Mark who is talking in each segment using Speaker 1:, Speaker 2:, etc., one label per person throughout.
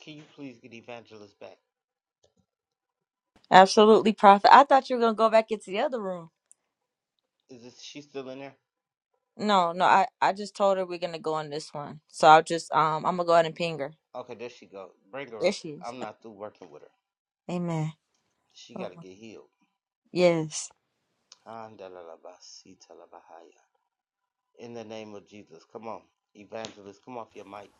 Speaker 1: Can you please get Evangelist back?
Speaker 2: Absolutely, Prophet. I thought you were gonna go back into the other room.
Speaker 1: Is this, she still in there?
Speaker 2: No, no, I, I just told her we're gonna go in this one. So I'll just um I'm gonna go ahead and ping her.
Speaker 1: Okay, there she go. Bring her
Speaker 2: There
Speaker 1: up.
Speaker 2: she is.
Speaker 1: I'm not through working with her.
Speaker 2: Amen.
Speaker 1: She
Speaker 2: Oh,
Speaker 1: gotta get healed.
Speaker 2: yes.
Speaker 1: In the name of Jesus, come on, Evangelist, come off your mic.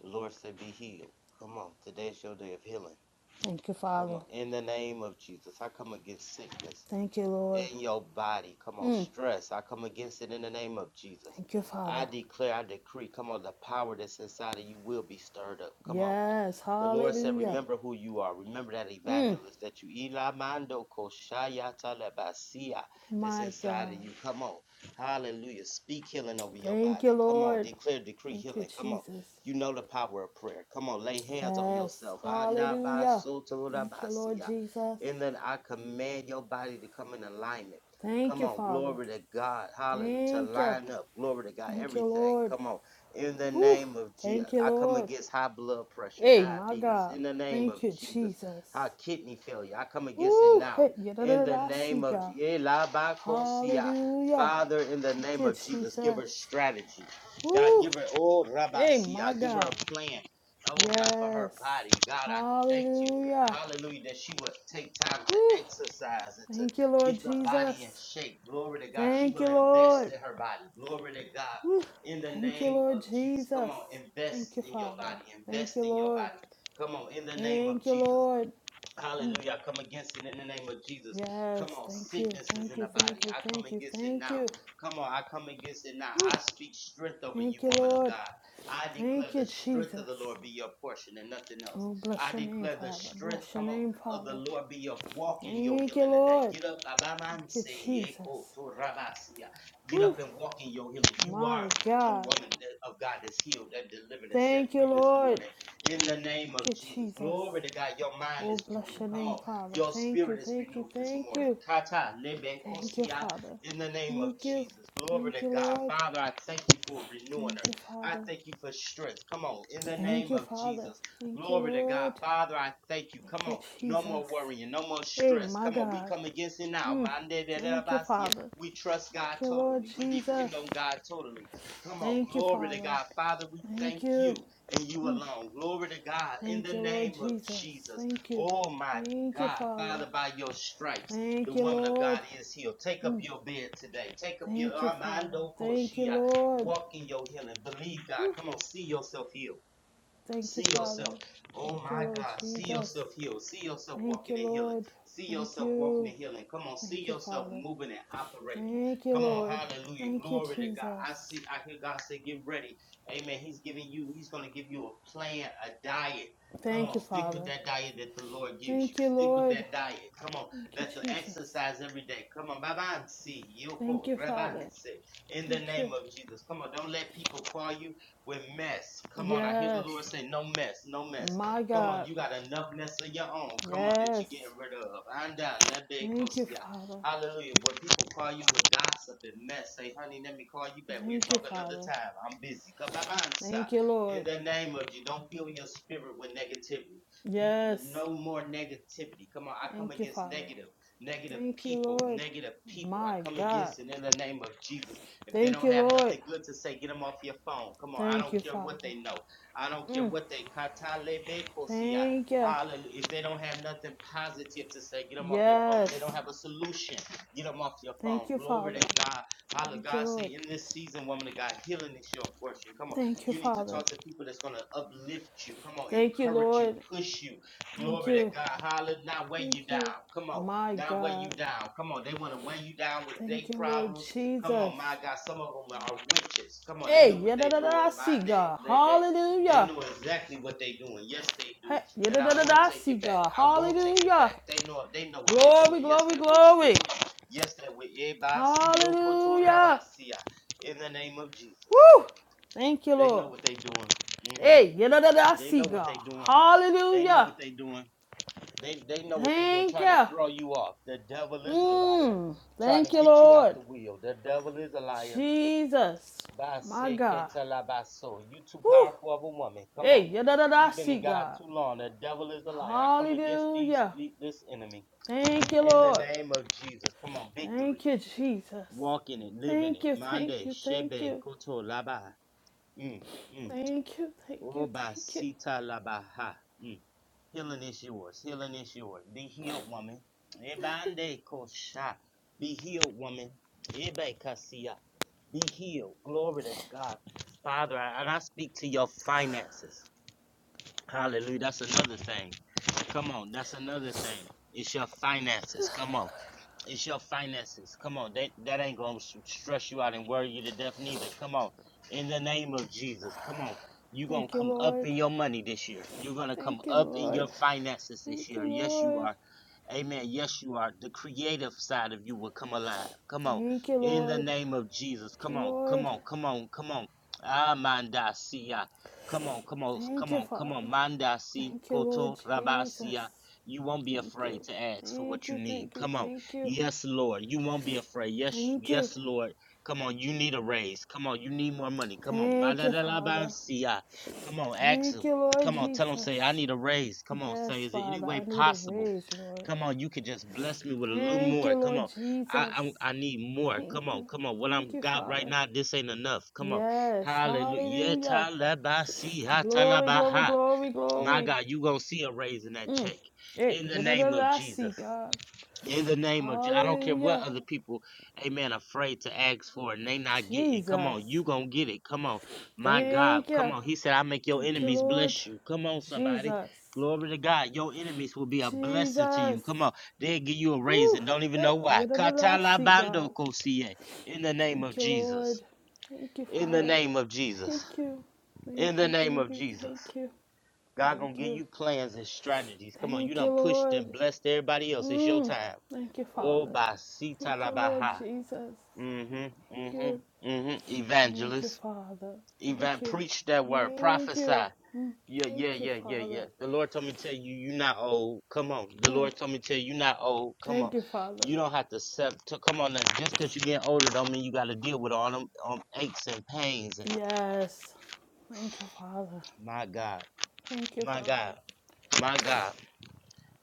Speaker 1: The Lord said, "Be healed." Come on, today's your day of healing.
Speaker 3: Thank you,
Speaker 1: Come
Speaker 3: Father.
Speaker 1: on, in the name of Jesus, I come against sickness
Speaker 3: Thank you, Lord.
Speaker 1: in your body. Come on,
Speaker 3: Mm.
Speaker 1: stress. I come against it in the name of Jesus.
Speaker 3: Thank you,
Speaker 1: I
Speaker 3: Father.
Speaker 1: declare, I decree, come on, the power that's inside of you will be stirred up. Come on.
Speaker 3: Yes,
Speaker 1: The Lord said,
Speaker 3: hallelujah.
Speaker 1: Remember who you are. Remember that
Speaker 3: Mm.
Speaker 1: evangelist that you Ilamando Koshaya Talabasia that's
Speaker 3: My
Speaker 1: inside of
Speaker 3: God.
Speaker 1: you. Come on. Hallelujah. Speak healing over your
Speaker 3: Thank you,
Speaker 1: body. Come on.
Speaker 3: Lord.
Speaker 1: Declare, decree
Speaker 3: Thank you,
Speaker 1: healing. Come on.
Speaker 3: Jesus.
Speaker 1: You know the power of prayer. Come on. Lay hands on
Speaker 3: Yes,
Speaker 1: yourself.
Speaker 3: hallelujah. Thank you, Lord
Speaker 1: Andabasotorabasia.
Speaker 3: Jesus.
Speaker 1: And then I command your body to come in alignment.
Speaker 3: Thank
Speaker 1: Come
Speaker 3: you,
Speaker 1: on,
Speaker 3: Father.
Speaker 1: glory to God. Hallelujah. To
Speaker 3: Thank you.
Speaker 1: line up. Glory to God.
Speaker 3: Thank you,
Speaker 1: Everything.
Speaker 3: Lord.
Speaker 1: Come on. In the
Speaker 3: Woo.
Speaker 1: name of Jesus,
Speaker 3: Thank you,
Speaker 1: I come
Speaker 3: Lord.
Speaker 1: against high blood pressure,
Speaker 3: Hey, my
Speaker 1: diabetes.
Speaker 3: God.
Speaker 1: In the name of
Speaker 3: Thank you,
Speaker 1: Jesus,
Speaker 3: Jesus.
Speaker 1: high kidney failure. I come against it
Speaker 3: Woo.
Speaker 1: now.
Speaker 3: Hey, yeah, da, da,
Speaker 1: In
Speaker 3: da,
Speaker 1: the
Speaker 3: da, I see
Speaker 1: name of
Speaker 3: God.
Speaker 1: Je-
Speaker 3: Hallelujah.
Speaker 1: Father, in the
Speaker 3: Thank
Speaker 1: name
Speaker 3: you,
Speaker 1: of Jesus, give her
Speaker 3: Jesus.
Speaker 1: strategy. God,
Speaker 3: Whew.
Speaker 1: give her, oh,
Speaker 3: Hey, my
Speaker 1: Rabasia, give her
Speaker 3: God.
Speaker 1: a plan. Oh, God, for her
Speaker 3: Yes.
Speaker 1: body. God, I thank you.
Speaker 3: Hallelujah.
Speaker 1: Hallelujah, that she would take time to
Speaker 3: Whew.
Speaker 1: exercise and to
Speaker 3: Thank you, Lord
Speaker 1: get the body in
Speaker 3: Jesus.
Speaker 1: shape. Glory to God. She
Speaker 3: Thank
Speaker 1: will
Speaker 3: you,
Speaker 1: invest
Speaker 3: Lord.
Speaker 1: in her body. Glory to God
Speaker 3: Whew.
Speaker 1: in the
Speaker 3: Thank you,
Speaker 1: name
Speaker 3: Lord
Speaker 1: of Jesus. Come
Speaker 3: Jesus.
Speaker 1: on,
Speaker 3: Thank
Speaker 1: invest
Speaker 3: you,
Speaker 1: in your
Speaker 3: Father.
Speaker 1: body.
Speaker 3: Thank
Speaker 1: Invest
Speaker 3: you,
Speaker 1: in your
Speaker 3: Lord.
Speaker 1: body. Come on, in the name
Speaker 3: Thank
Speaker 1: of
Speaker 3: you,
Speaker 1: Jesus.
Speaker 3: Lord.
Speaker 1: Hallelujah. I come against it in the name of Jesus. Come
Speaker 3: Yes.
Speaker 1: on,
Speaker 3: Thank you.
Speaker 1: sicknesses
Speaker 3: Thank
Speaker 1: in the
Speaker 3: you.
Speaker 1: body.
Speaker 3: Thank you.
Speaker 1: I come
Speaker 3: Thank you.
Speaker 1: against it
Speaker 3: Thank
Speaker 1: now.
Speaker 3: you.
Speaker 1: Come on, I come against it now.
Speaker 3: Whew.
Speaker 1: I speak strength over you,
Speaker 3: Thank you,
Speaker 1: woman of
Speaker 3: Lord.
Speaker 1: God. I declare
Speaker 3: Thank
Speaker 1: the
Speaker 3: you,
Speaker 1: strength of the
Speaker 3: Jesus.
Speaker 1: Lord be your portion and nothing else.
Speaker 3: Oh, bless
Speaker 1: I
Speaker 3: your name,
Speaker 1: declare the
Speaker 3: Father.
Speaker 1: strength,
Speaker 3: Bless your
Speaker 1: come on,
Speaker 3: name,
Speaker 1: of the
Speaker 3: Father.
Speaker 1: Lord be your walk in your
Speaker 3: Thank you,
Speaker 1: healing today.
Speaker 3: Lord.
Speaker 1: Get up, Abaman,
Speaker 3: Thank you,
Speaker 1: say, Yeko,
Speaker 3: Jesus.
Speaker 1: to Rabasia. get
Speaker 3: Whew.
Speaker 1: up and walk in your healing. You are
Speaker 3: My
Speaker 1: a
Speaker 3: God.
Speaker 1: woman of God that's healed, that delivered, and set
Speaker 3: Thank you,
Speaker 1: free this morning
Speaker 3: Lord.
Speaker 1: in the name
Speaker 3: Thank
Speaker 1: of
Speaker 3: you,
Speaker 1: Jesus.
Speaker 3: Jesus.
Speaker 1: Glory to God. Your mind is
Speaker 3: Oh, bless
Speaker 1: renewed.
Speaker 3: your
Speaker 1: Come
Speaker 3: name,
Speaker 1: on.
Speaker 3: Father.
Speaker 1: Your
Speaker 3: Thank
Speaker 1: spirit
Speaker 3: you,
Speaker 1: is
Speaker 3: thank you,
Speaker 1: renewed this
Speaker 3: thank
Speaker 1: morning.
Speaker 3: you.
Speaker 1: Kata lebe
Speaker 3: Thank you,
Speaker 1: kosia
Speaker 3: Father.
Speaker 1: in the name of
Speaker 3: Thank you.
Speaker 1: Jesus. Glory to
Speaker 3: Thank you,
Speaker 1: God.
Speaker 3: Lord.
Speaker 1: Father, I thank you for renewing
Speaker 3: Thank
Speaker 1: her.
Speaker 3: you,
Speaker 1: I
Speaker 3: Father.
Speaker 1: thank you for strength. Come on. In the
Speaker 3: Thank
Speaker 1: name
Speaker 3: you,
Speaker 1: of
Speaker 3: Father.
Speaker 1: Jesus.
Speaker 3: Thank you,
Speaker 1: Glory to God.
Speaker 3: Lord.
Speaker 1: Father, I thank you. Come
Speaker 3: Thank you,
Speaker 1: on. No
Speaker 3: Jesus.
Speaker 1: more worrying. No more
Speaker 3: Hey,
Speaker 1: stress.
Speaker 3: my
Speaker 1: Come on. We
Speaker 3: God.
Speaker 1: come against it now.
Speaker 3: Mm. Thank you, Father.
Speaker 1: We trust God
Speaker 3: Thank you, Lord
Speaker 1: totally. We
Speaker 3: Jesus.
Speaker 1: depend on God totally. Come on.
Speaker 3: Thank you,
Speaker 1: Glory to
Speaker 3: Father.
Speaker 1: God. Father, we
Speaker 3: Thank
Speaker 1: thank
Speaker 3: you.
Speaker 1: you and you
Speaker 3: Mm.
Speaker 1: alone. Glory to God in
Speaker 3: Thank
Speaker 1: the
Speaker 3: you, Lord
Speaker 1: name of
Speaker 3: Jesus.
Speaker 1: Jesus.
Speaker 3: Thank you.
Speaker 1: Oh my
Speaker 3: Thank you,
Speaker 1: God,
Speaker 3: Father.
Speaker 1: Father, by your stripes, the
Speaker 3: Thank you,
Speaker 1: woman of God
Speaker 3: Lord.
Speaker 1: is healed. Take up
Speaker 3: Mm.
Speaker 1: your bed today. Take up your
Speaker 3: Thank you, Father.
Speaker 1: Armando
Speaker 3: Thank you,
Speaker 1: Koshia.
Speaker 3: Lord.
Speaker 1: Walk in your healing. Believe God.
Speaker 3: Whew.
Speaker 1: Come on, see yourself healed.
Speaker 3: Thank
Speaker 1: See
Speaker 3: you, Father.
Speaker 1: yourself. Oh
Speaker 3: Thank you,
Speaker 1: my
Speaker 3: Lord
Speaker 1: God. See
Speaker 3: Jesus.
Speaker 1: yourself healed. See yourself
Speaker 3: Thank
Speaker 1: walking
Speaker 3: you,
Speaker 1: in healing.
Speaker 3: Lord.
Speaker 1: See
Speaker 3: Thank
Speaker 1: yourself walking in
Speaker 3: you.
Speaker 1: healing. Come on. See
Speaker 3: Thank you,
Speaker 1: yourself
Speaker 3: Father.
Speaker 1: moving and operating.
Speaker 3: Thank you,
Speaker 1: Come on.
Speaker 3: Lord.
Speaker 1: Hallelujah.
Speaker 3: Thank you,
Speaker 1: Glory to God.
Speaker 3: Jesus.
Speaker 1: I see, I hear God say, get ready. Amen. He's giving you, he's going to give you a plan, a diet. Come
Speaker 3: Thank
Speaker 1: on,
Speaker 3: you,
Speaker 1: stick with
Speaker 3: Father.
Speaker 1: that diet that the Lord gives you.
Speaker 3: Thank you,
Speaker 1: Stick with
Speaker 3: Lord.
Speaker 1: that diet. Come on,
Speaker 3: Thank you,
Speaker 1: that's the
Speaker 3: Jesus.
Speaker 1: exercise every day. Come on, babansi,
Speaker 3: Thank
Speaker 1: yoko,
Speaker 3: you, Father.
Speaker 1: rabansi. In the
Speaker 3: Thank you.
Speaker 1: name of Jesus. Come on, don't let people call you with mess. Come on, I hear the Lord
Speaker 3: Yes.
Speaker 1: say, no mess, no mess.
Speaker 3: My
Speaker 1: Come on,
Speaker 3: God.
Speaker 1: you got enough mess of your own. Come on, that
Speaker 3: Yes.
Speaker 1: you're getting rid of. And down that big close
Speaker 3: Thank you,
Speaker 1: to all
Speaker 3: Father.
Speaker 1: Hallelujah. When people call you with gossip and mess, say, honey, let me call you back. We'll
Speaker 3: Thank you,
Speaker 1: talk another
Speaker 3: Father.
Speaker 1: time. I'm busy. Come on, sir.
Speaker 3: Thank you,
Speaker 1: In
Speaker 3: Lord.
Speaker 1: the name of you, don't fill your spirit with negativity. You
Speaker 3: Yes.
Speaker 1: no more negativity. Come on, I come
Speaker 3: Thank you,
Speaker 1: against
Speaker 3: Father.
Speaker 1: negative, negative
Speaker 3: Thank you,
Speaker 1: people,
Speaker 3: Lord.
Speaker 1: negative people. I
Speaker 3: My
Speaker 1: come
Speaker 3: God.
Speaker 1: against it in the name of Jesus. If they
Speaker 3: Thank
Speaker 1: don't
Speaker 3: you,
Speaker 1: have
Speaker 3: Lord.
Speaker 1: nothing good to say, get them off your phone. Come on, I
Speaker 3: Thank
Speaker 1: don't
Speaker 3: you,
Speaker 1: care what
Speaker 3: Father.
Speaker 1: they know. I don't care
Speaker 3: Mm.
Speaker 1: what they
Speaker 3: Thank you.
Speaker 1: Hallelujah. If they don't have nothing positive to say, get them off your phone. If they don't
Speaker 3: Yes.
Speaker 1: have a solution, get them off your phone.
Speaker 3: Thank you,
Speaker 1: Glory
Speaker 3: Father.
Speaker 1: to God. Hallelujah.
Speaker 3: Thank you,
Speaker 1: God
Speaker 3: Lord.
Speaker 1: say in this season, woman of God, healing is your portion. Come on.
Speaker 3: Thank you,
Speaker 1: You need to
Speaker 3: Father.
Speaker 1: talk to people that's gonna uplift you. Come on,
Speaker 3: Thank you,
Speaker 1: encourage you,
Speaker 3: Lord.
Speaker 1: push you.
Speaker 3: Thank
Speaker 1: Glory to
Speaker 3: you.
Speaker 1: God. Hallelujah. Not weigh you
Speaker 3: Thank
Speaker 1: down.
Speaker 3: you.
Speaker 1: Come on.
Speaker 3: My
Speaker 1: Not weigh you
Speaker 3: God.
Speaker 1: down. Come on, they want to weigh you down with their
Speaker 3: Thank you, Lord
Speaker 1: problems. Come
Speaker 3: Jesus.
Speaker 1: on, my God, some of them are witches. Come on, they know
Speaker 3: Hey,
Speaker 1: what
Speaker 3: yeah,
Speaker 1: they're
Speaker 3: da da da I
Speaker 1: doing. My
Speaker 3: see
Speaker 1: day,
Speaker 3: God.
Speaker 1: they, they, they
Speaker 3: Hallelujah.
Speaker 1: know exactly what they're doing. Yes, they do,
Speaker 3: Hey, yeah,
Speaker 1: and
Speaker 3: da
Speaker 1: I
Speaker 3: da da
Speaker 1: won't
Speaker 3: da, I
Speaker 1: take
Speaker 3: see
Speaker 1: it back.
Speaker 3: God.
Speaker 1: I won't take it
Speaker 3: Hallelujah.
Speaker 1: back. They know, they know what they're
Speaker 3: Glory,
Speaker 1: doing. Yes,
Speaker 3: glory,
Speaker 1: that witch do.
Speaker 3: glory.
Speaker 1: Yes, that witch.
Speaker 3: Hallelujah.
Speaker 1: In the name of Jesus,
Speaker 3: Woo! Thank you,
Speaker 1: they know
Speaker 3: Lord.
Speaker 1: what they're doing. hmm
Speaker 3: Hey,
Speaker 1: They know
Speaker 3: see
Speaker 1: what they're
Speaker 3: God.
Speaker 1: doing. They know
Speaker 3: Hallelujah.
Speaker 1: what they're doing. They they know what they're doing,
Speaker 3: Thank
Speaker 1: trying to
Speaker 3: you.
Speaker 1: throw you off. The devil is a liar,
Speaker 3: Mm,
Speaker 1: trying to
Speaker 3: thank you,
Speaker 1: get you out
Speaker 3: Lord.
Speaker 1: the wheel. The devil is a liar.
Speaker 3: Jesus.
Speaker 1: Base
Speaker 3: My
Speaker 1: que
Speaker 3: God.
Speaker 1: te la baso. You too
Speaker 3: Woo!
Speaker 1: powerful of a woman. Come on.
Speaker 3: Hey,
Speaker 1: You've been
Speaker 3: see
Speaker 1: in God
Speaker 3: God.
Speaker 1: too long. The devil is a liar. I come against these
Speaker 3: Hallelujah.
Speaker 1: the- this enemy.
Speaker 3: Thank you,
Speaker 1: In the
Speaker 3: Lord.
Speaker 1: name of Jesus. Come on, victory.
Speaker 3: Thank you, Jesus.
Speaker 1: Walk in it, live in
Speaker 3: Thank
Speaker 1: it.
Speaker 3: you, thank
Speaker 1: Mande,
Speaker 3: you, thank
Speaker 1: Shebe,
Speaker 3: you.
Speaker 1: Koto, Laba. Mm, mm.
Speaker 3: Thank you, thank you, thank you.
Speaker 1: Obasita labaha. Mm. Healing is yours. Healing is yours. Be healed, woman. Ebande kosha. Be healed, woman. Ebe kasia. Be healed. Glory to God. Father, and I speak to your finances. Hallelujah. That's another thing. Come on. That's another thing. It's your finances. Come on. It's your finances. Come on. That, that ain't going to stress you out and worry you to death neither. Come on. In the name of Jesus. Come on. You're going to
Speaker 3: Thank you,
Speaker 1: come up
Speaker 3: Lord.
Speaker 1: in your money this year. You're going to
Speaker 3: Thank
Speaker 1: come
Speaker 3: you,
Speaker 1: up in your
Speaker 3: Lord.
Speaker 1: finances this
Speaker 3: Thank you,
Speaker 1: year. Yes, you
Speaker 3: Lord.
Speaker 1: are. Amen. Yes, you are. The creative side of you will come alive. Come on.
Speaker 3: Thank you,
Speaker 1: In the
Speaker 3: Lord.
Speaker 1: name of Jesus.
Speaker 3: Thank you,
Speaker 1: Come on. Come
Speaker 3: Lord.
Speaker 1: on. Come on. Come on. Amanda Sia. Come on, come on,
Speaker 3: Thank
Speaker 1: come
Speaker 3: you,
Speaker 1: on, come on.
Speaker 3: Father.
Speaker 1: Mandasi
Speaker 3: Thank you, Lord
Speaker 1: koto
Speaker 3: Jesus.
Speaker 1: rabasia. You won't be
Speaker 3: Thank
Speaker 1: afraid
Speaker 3: you.
Speaker 1: to ask for
Speaker 3: Thank
Speaker 1: what you
Speaker 3: you,
Speaker 1: need.
Speaker 3: thank you,
Speaker 1: Come on.
Speaker 3: thank you.
Speaker 1: Yes, Lord. You won't be afraid. Yes,
Speaker 3: Thank you.
Speaker 1: yes, Lord. Come on. You need a raise. Come on. You need more money. Come on.
Speaker 3: Thank you, Father.
Speaker 1: Madadalabansia. Come on. Ask
Speaker 3: Thank
Speaker 1: him.
Speaker 3: you, Lord
Speaker 1: Come on. Tell him, say, I
Speaker 3: Jesus.
Speaker 1: need a raise. Come on. Say,
Speaker 3: Yes,
Speaker 1: is it any
Speaker 3: Father,
Speaker 1: way
Speaker 3: I need a
Speaker 1: possible?
Speaker 3: raise, Lord.
Speaker 1: Come on, you could just bless me with a little
Speaker 3: Thank
Speaker 1: more.
Speaker 3: you,
Speaker 1: Come
Speaker 3: Lord
Speaker 1: on,
Speaker 3: Jesus.
Speaker 1: I, I I need more.
Speaker 3: Thank
Speaker 1: Come on,
Speaker 3: you.
Speaker 1: come on. What
Speaker 3: Thank
Speaker 1: I'm
Speaker 3: you,
Speaker 1: got right
Speaker 3: Father.
Speaker 1: now, this ain't enough. Come on,
Speaker 3: Yes,
Speaker 1: Hallelujah. Yeah,
Speaker 3: hallelujah. Glory, glory, glory,
Speaker 1: My
Speaker 3: glory.
Speaker 1: God, you gonna see a raise in that
Speaker 3: Mm.
Speaker 1: check
Speaker 3: Hey,
Speaker 1: in the name of Jesus
Speaker 3: see, God.
Speaker 1: in the name of Je- I don't care what
Speaker 3: Hallelujah.
Speaker 1: other people, amen, afraid to ask for it and they not getting. Come on, you
Speaker 3: Jesus.
Speaker 1: gonna get it. Come on, my God.
Speaker 3: Thank
Speaker 1: Come
Speaker 3: you.
Speaker 1: on. He said, I make your
Speaker 3: Thank you,
Speaker 1: enemies
Speaker 3: Lord.
Speaker 1: bless you. Come on, somebody.
Speaker 3: Jesus.
Speaker 1: Glory to God. Your enemies will be a blessing to you.
Speaker 3: Jesus.
Speaker 1: Come on. They'll give you a raise
Speaker 3: Woo.
Speaker 1: and don't even
Speaker 3: Hey,
Speaker 1: know why.
Speaker 3: yadadadasi,
Speaker 1: Katalabando
Speaker 3: God.
Speaker 1: kosie. In the name of
Speaker 3: Thank you, Lord.
Speaker 1: Jesus.
Speaker 3: Thank you,
Speaker 1: In the
Speaker 3: Father.
Speaker 1: name of Jesus.
Speaker 3: Thank you. Thank
Speaker 1: In the
Speaker 3: you.
Speaker 1: name
Speaker 3: Thank
Speaker 1: of
Speaker 3: you.
Speaker 1: Jesus.
Speaker 3: Thank you.
Speaker 1: God
Speaker 3: Thank
Speaker 1: gonna give
Speaker 3: you.
Speaker 1: you plans and strategies. Come on, you
Speaker 3: Thank you,
Speaker 1: done pushed
Speaker 3: Lord.
Speaker 1: and blessed everybody else. It's your
Speaker 3: Mm.
Speaker 1: time.
Speaker 3: Thank you,
Speaker 1: Oh,
Speaker 3: Father.
Speaker 1: Basita
Speaker 3: Thank you, Lord
Speaker 1: Labaha.
Speaker 3: Jesus.
Speaker 1: Mm-hmm.
Speaker 3: Thank you.
Speaker 1: Mm-hmm. Mm-hmm.
Speaker 3: Thank you,
Speaker 1: Evangelist.
Speaker 3: Father.
Speaker 1: Evan
Speaker 3: Thank you.
Speaker 1: preach that word.
Speaker 3: Thank
Speaker 1: Prophesy.
Speaker 3: you. Mm.
Speaker 1: Yeah, yeah,
Speaker 3: Thank you,
Speaker 1: yeah, yeah, yeah.
Speaker 3: Father.
Speaker 1: The Lord told me to tell you you're not old. Come on. The
Speaker 3: Mm.
Speaker 1: Lord told me to tell you you're not old. Come on.
Speaker 3: Thank you, Father.
Speaker 1: You don't have to accept to come on now. Just because you're getting older don't mean you gotta deal with all them um, aches and pains.
Speaker 3: Yes. Thank you, Father.
Speaker 1: My God.
Speaker 3: Thank you,
Speaker 1: My
Speaker 3: Father.
Speaker 1: God. My God.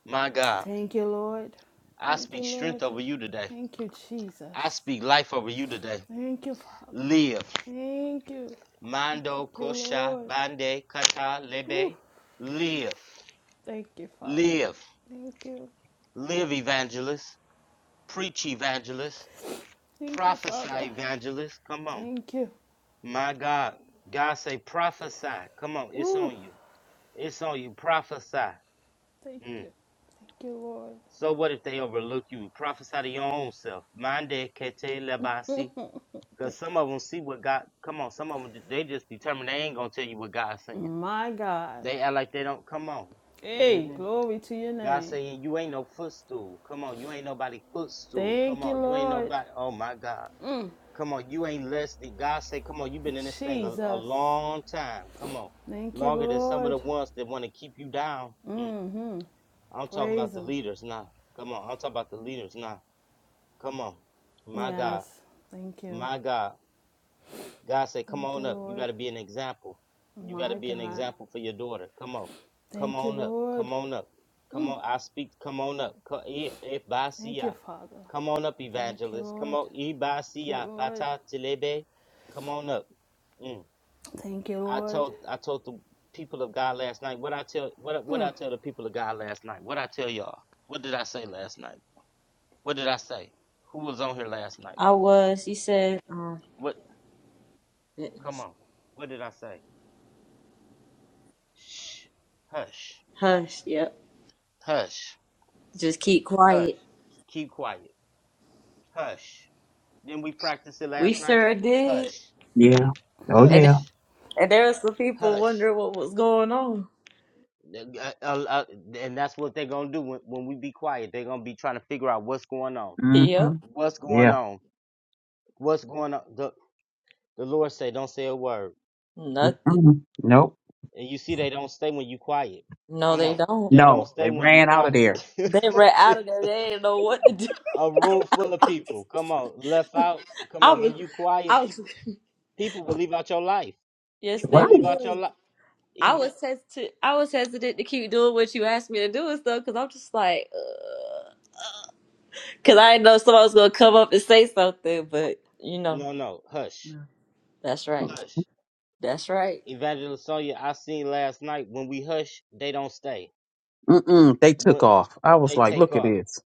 Speaker 1: My God.
Speaker 3: Thank you, Lord.
Speaker 1: I
Speaker 3: Thank you,
Speaker 1: speak strength
Speaker 3: Lord.
Speaker 1: over you today.
Speaker 3: Thank you, Jesus.
Speaker 1: I speak life over you today.
Speaker 3: Thank you, Father.
Speaker 1: Live.
Speaker 3: Thank you.
Speaker 1: Mando
Speaker 3: Thank you,
Speaker 1: Kosha
Speaker 3: Lord.
Speaker 1: Bande Kata
Speaker 3: Woo.
Speaker 1: Lebe. Live,
Speaker 3: Thank you, Father.
Speaker 1: live,
Speaker 3: Thank you.
Speaker 1: live evangelist, preach evangelist,
Speaker 3: Thank you,
Speaker 1: prophesy
Speaker 3: Father.
Speaker 1: evangelist. Come on.
Speaker 3: Thank you.
Speaker 1: My God. God say prophesy. Come on, it's
Speaker 3: Woo.
Speaker 1: on you. It's on you. Prophesy.
Speaker 3: Thank
Speaker 1: Mm.
Speaker 3: you. Thank you, Lord.
Speaker 1: So what if they overlook you? Prophesy to your own self. Mande kete lebasi. Cause some of them see what God. Come on, some of them they just determined they ain't gonna tell you what God's saying.
Speaker 3: My God.
Speaker 1: They act like they don't. Come on.
Speaker 3: Hey,
Speaker 1: Mhm.
Speaker 3: glory to your
Speaker 1: God
Speaker 3: name.
Speaker 1: saying, You ain't no footstool. Come on, you ain't nobody footstool. Come
Speaker 3: Thank you,
Speaker 1: on, you ain't
Speaker 3: Lord.
Speaker 1: nobody. Oh my God.
Speaker 3: Mm,
Speaker 1: Come on, you ain't less than God say, Come on, you've been in this thing a, a
Speaker 3: Jesus.
Speaker 1: long time. Come on,
Speaker 3: Thank you,
Speaker 1: longer than some of
Speaker 3: Lord.
Speaker 1: the ones that want to keep you down. Mm.
Speaker 3: Mm-hmm.
Speaker 1: I'm talking about
Speaker 3: Praise
Speaker 1: the
Speaker 3: Him.
Speaker 1: leaders now. Come on, I'm talking about the leaders now. Come on, my God,
Speaker 3: Yes. Thank you.
Speaker 1: my God. God said, Come
Speaker 3: Thank you,
Speaker 1: on up. You got
Speaker 3: Lord.
Speaker 1: to be an example.
Speaker 3: Oh,
Speaker 1: You got to
Speaker 3: My
Speaker 1: be an
Speaker 3: God.
Speaker 1: example for your daughter. Come on. Come
Speaker 3: Thank you,
Speaker 1: on up.
Speaker 3: Lord.
Speaker 1: Come on up. Come on. I speak. Come on up. Co- e- e-
Speaker 3: Thank you,
Speaker 1: basia.
Speaker 3: Father.
Speaker 1: Come on up,
Speaker 3: Thank you,
Speaker 1: evangelist. Come
Speaker 3: Lord.
Speaker 1: on.
Speaker 3: Thank
Speaker 1: Ibasia.
Speaker 3: you, Lord.
Speaker 1: Pata tilebe. Come on up. Mm.
Speaker 3: Thank you,
Speaker 1: I
Speaker 3: Lord.
Speaker 1: told I told the people of God last night. What I tell what what I
Speaker 3: Mm.
Speaker 1: tell the people of God last night. What I tell y'all. What did I say last night? What did I say? Who was on here last night?
Speaker 2: I was. He said, um
Speaker 1: What? Come
Speaker 2: goodness.
Speaker 1: on. What did I say? Shh. Hush.
Speaker 2: Hush, yep.
Speaker 1: Hush,
Speaker 2: Just keep
Speaker 1: hush,
Speaker 2: quiet.
Speaker 1: keep quiet, hush. Then we practiced it
Speaker 2: We
Speaker 1: last night.
Speaker 2: sure did.
Speaker 1: Hush,
Speaker 4: Yeah. Oh
Speaker 2: And
Speaker 4: yeah.
Speaker 1: hush,
Speaker 2: and there was some people
Speaker 1: hush.
Speaker 2: wondering what was going on.
Speaker 1: Uh, uh, uh, and that's what they're gonna do when, when we be quiet. They're gonna be trying to figure out what's going on,
Speaker 4: Mm-hmm.
Speaker 2: Yep.
Speaker 1: what's going
Speaker 4: Yeah.
Speaker 1: on, what's going on. The the Lord say, don't say a word.
Speaker 2: Nothing.
Speaker 4: Mm-mm. Nope.
Speaker 1: And you see, they don't stay when you quiet.
Speaker 2: No,
Speaker 1: Come
Speaker 2: they
Speaker 1: on,
Speaker 2: don't.
Speaker 1: they
Speaker 4: No,
Speaker 1: don't
Speaker 4: they
Speaker 1: stay when you
Speaker 4: ran out of
Speaker 1: quiet.
Speaker 4: there.
Speaker 2: They ran out of there. They didn't know what to do.
Speaker 1: A room full of people. Come on, left out. Come
Speaker 2: I
Speaker 1: on, when
Speaker 2: was
Speaker 1: you quiet,
Speaker 2: I was
Speaker 1: people. People will leave out your life.
Speaker 2: yes
Speaker 1: People
Speaker 4: Right.
Speaker 1: will
Speaker 2: they
Speaker 1: leave out your
Speaker 2: were.
Speaker 1: life.
Speaker 2: I
Speaker 1: Even
Speaker 2: was hesitant. I was hesitant to keep doing what you asked me to do and stuff because I'm just like, uh, because I didn't know somebody was gonna come up and say something. But you know,
Speaker 1: no, no, hush,
Speaker 2: that's right.
Speaker 1: hush.
Speaker 2: That's right.
Speaker 1: Evangelist Sonia, I seen last night when we hush, they don't stay.
Speaker 4: Mm-mm. They took
Speaker 1: When
Speaker 4: off. I was
Speaker 1: they
Speaker 4: like,
Speaker 1: take
Speaker 4: look at
Speaker 1: off.
Speaker 4: this.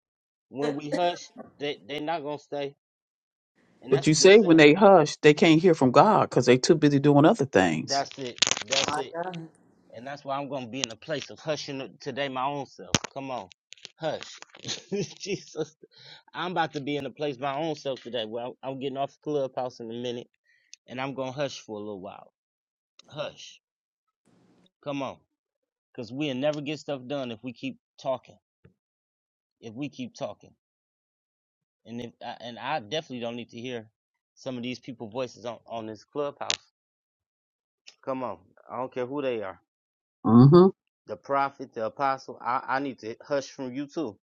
Speaker 1: When we hush, they they not gonna stay. And
Speaker 4: But
Speaker 1: that's
Speaker 4: you
Speaker 1: the
Speaker 4: say when
Speaker 1: same.
Speaker 4: they hush, they can't hear from God because they too busy doing other things.
Speaker 1: That's it. That's
Speaker 2: My
Speaker 1: it.
Speaker 2: God.
Speaker 1: And that's why I'm gonna be in a place of hushing today, my own self. Come on, hush, Jesus. I'm about to be in a place my own self today. Well, I'm getting off Clubhouse in a minute, and I'm gonna hush for a little while. Hush. Come on, because we'll never get stuff done if we keep talking. If we keep talking, and if I, and I definitely don't need to hear some of these people voices on on this clubhouse. Come on, I don't care who they are.
Speaker 4: Mm-hmm.
Speaker 1: The prophet, the apostle, I, I need to hush from you too.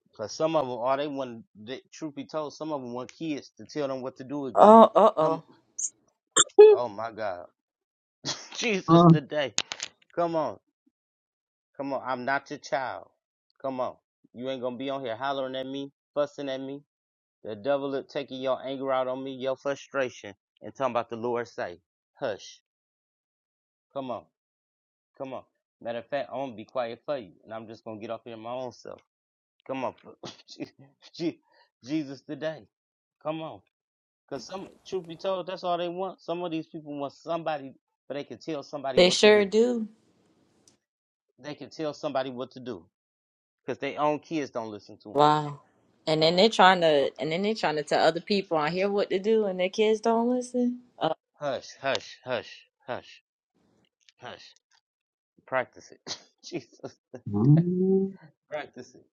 Speaker 1: Because some of them, all they want, they, truth be told, some of them want kids to tell them what to do again.
Speaker 2: Oh, uh
Speaker 1: Come,
Speaker 2: oh.
Speaker 1: oh my God. Jesus today. Come on. Come on. I'm not your child. Come on. You ain't going to be on here hollering at me, fussing at me. The devil is taking your anger out on me, your frustration, and talking about the Lord say, hush, come on, come on. Matter of fact, I'm gonna be quiet for you, and I'm just gonna get off here my own self. Come on, Jesus today. Come on, cause some truth be told, that's all they want. Some of these people want somebody, but they can tell somebody
Speaker 2: They
Speaker 1: what to
Speaker 2: sure
Speaker 1: do.
Speaker 2: do.
Speaker 1: They can tell somebody what to do, cause their own kids don't listen to them.
Speaker 2: Wow. And then
Speaker 1: Okay,
Speaker 2: they're trying to,
Speaker 1: okay.
Speaker 2: and then they're trying to tell other people out here what to do, and their kids don't listen. Oh,
Speaker 1: Hush, hush, hush, hush, hush. Practice it. Jesus.
Speaker 4: Mm-hmm.
Speaker 1: Practice it.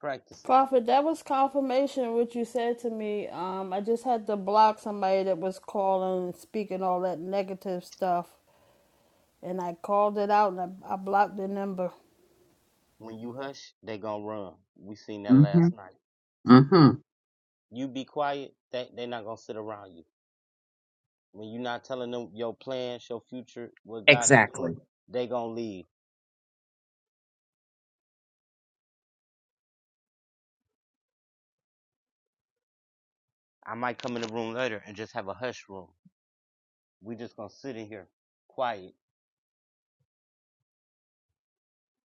Speaker 1: Practice it.
Speaker 3: Prophet, that was confirmation of what you said to me. Um, I just had to block somebody that was calling and speaking all that negative stuff. And I called it out and I, I blocked the number.
Speaker 1: When you hush, they gonna run. We seen that
Speaker 4: Mm-hmm.
Speaker 1: last night.
Speaker 4: Mm-hmm.
Speaker 1: You be quiet, they they not gonna sit around you. When you not telling them your plans, your future, what God is doing,
Speaker 4: Exactly.
Speaker 1: they gonna leave. I might come in the room later and just have a hush room. We just gonna sit in here, quiet,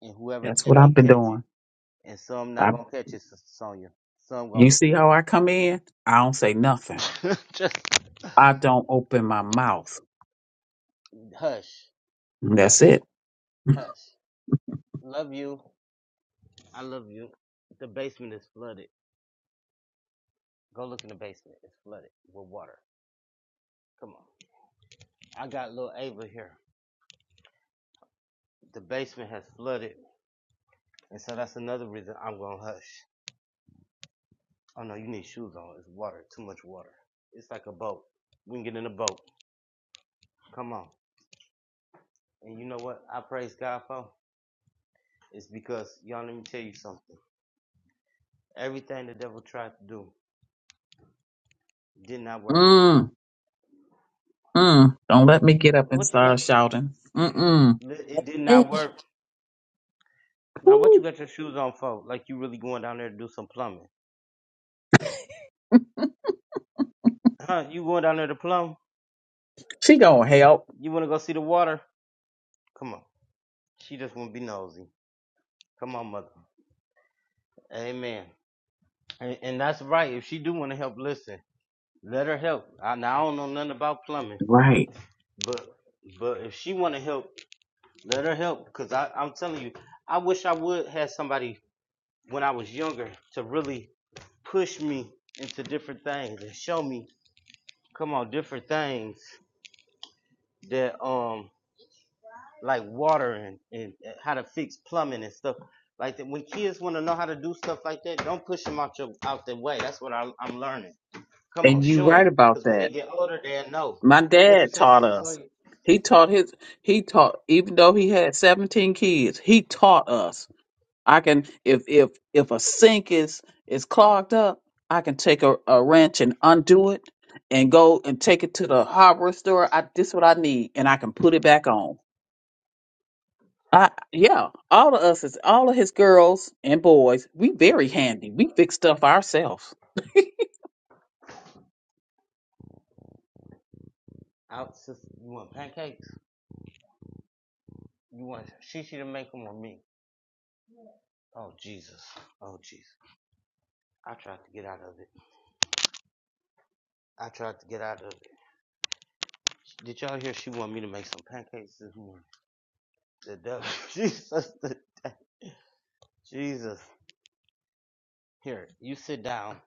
Speaker 1: and whoever
Speaker 4: That's what
Speaker 1: catch
Speaker 4: I've
Speaker 1: it,
Speaker 4: been
Speaker 1: catch it.
Speaker 4: doing.
Speaker 1: And some not
Speaker 4: I,
Speaker 1: gonna catch it, Sister Sonya. Some
Speaker 4: you
Speaker 1: gonna
Speaker 4: see how I come in? I don't say nothing.
Speaker 1: just
Speaker 4: I don't open my mouth.
Speaker 1: hush, hush,
Speaker 4: That's it.
Speaker 1: hush. Love you. I love you. The basement is flooded. Go look in the basement. It's flooded with water. Come on. I got little Ava here. The basement has flooded. And so that's another reason I'm going to hush. Oh no, you need shoes on. It's water. Too much water. It's like a boat. We can get in a boat. Come on. And you know what I praise God for? It's because, y'all, let me tell you something. Everything the devil tried to do did not work.
Speaker 4: Mm, mm. Don't let me get up
Speaker 1: Wh-
Speaker 4: and
Speaker 1: What you got?
Speaker 4: start shouting. Mm-mm.
Speaker 1: It did
Speaker 2: man.
Speaker 1: not work. Now, what you
Speaker 4: Woo.
Speaker 1: got your shoes on for? Like you really going down there to do some plumbing? Huh? You going down there to plum?
Speaker 4: She gonna
Speaker 1: You
Speaker 4: help.
Speaker 1: you want to go see the water? Come on. She just want to be nosy. Come on, mother. Amen. And, and that's right. If she do want to help, listen. Let her help. I, now I don't know nothing about plumbing,
Speaker 4: Right.
Speaker 1: but but if she want to help, let her help. Cause I I'm telling you, I wish I would have somebody when I was younger to really push me into different things and show me, come on, different things that um like water and, and uh, how to fix plumbing and stuff like that. When kids want to know how to do stuff like that, don't push them out your out their way. That's what I, I'm learning. Come on,
Speaker 4: And you
Speaker 1: show
Speaker 4: right
Speaker 1: them,
Speaker 4: about
Speaker 1: cause when they
Speaker 4: that.
Speaker 1: get older, they'll know.
Speaker 4: My
Speaker 1: What you
Speaker 4: dad
Speaker 1: say,
Speaker 4: taught
Speaker 1: sister?
Speaker 4: us.
Speaker 1: Sonya?
Speaker 4: He taught his he taught even though he had seventeen kids, he taught us. I can if if if a sink is is clogged up, I can take a, a wrench and undo it and go and take it to the hardware store. I this what I need and I can put it back on. I yeah, all of us is all of his girls and boys, we
Speaker 1: Well,
Speaker 4: very handy. We fix stuff ourselves.
Speaker 1: Out, sister. You want pancakes? You want shishi to make them or me? Oh Jesus! Oh Jesus! I tried to get out of it. I tried to get out of it. Did y'all hear? She wanted me to make some pancakes this morning. The devil, Jesus, the, Jesus. Here, you sit down.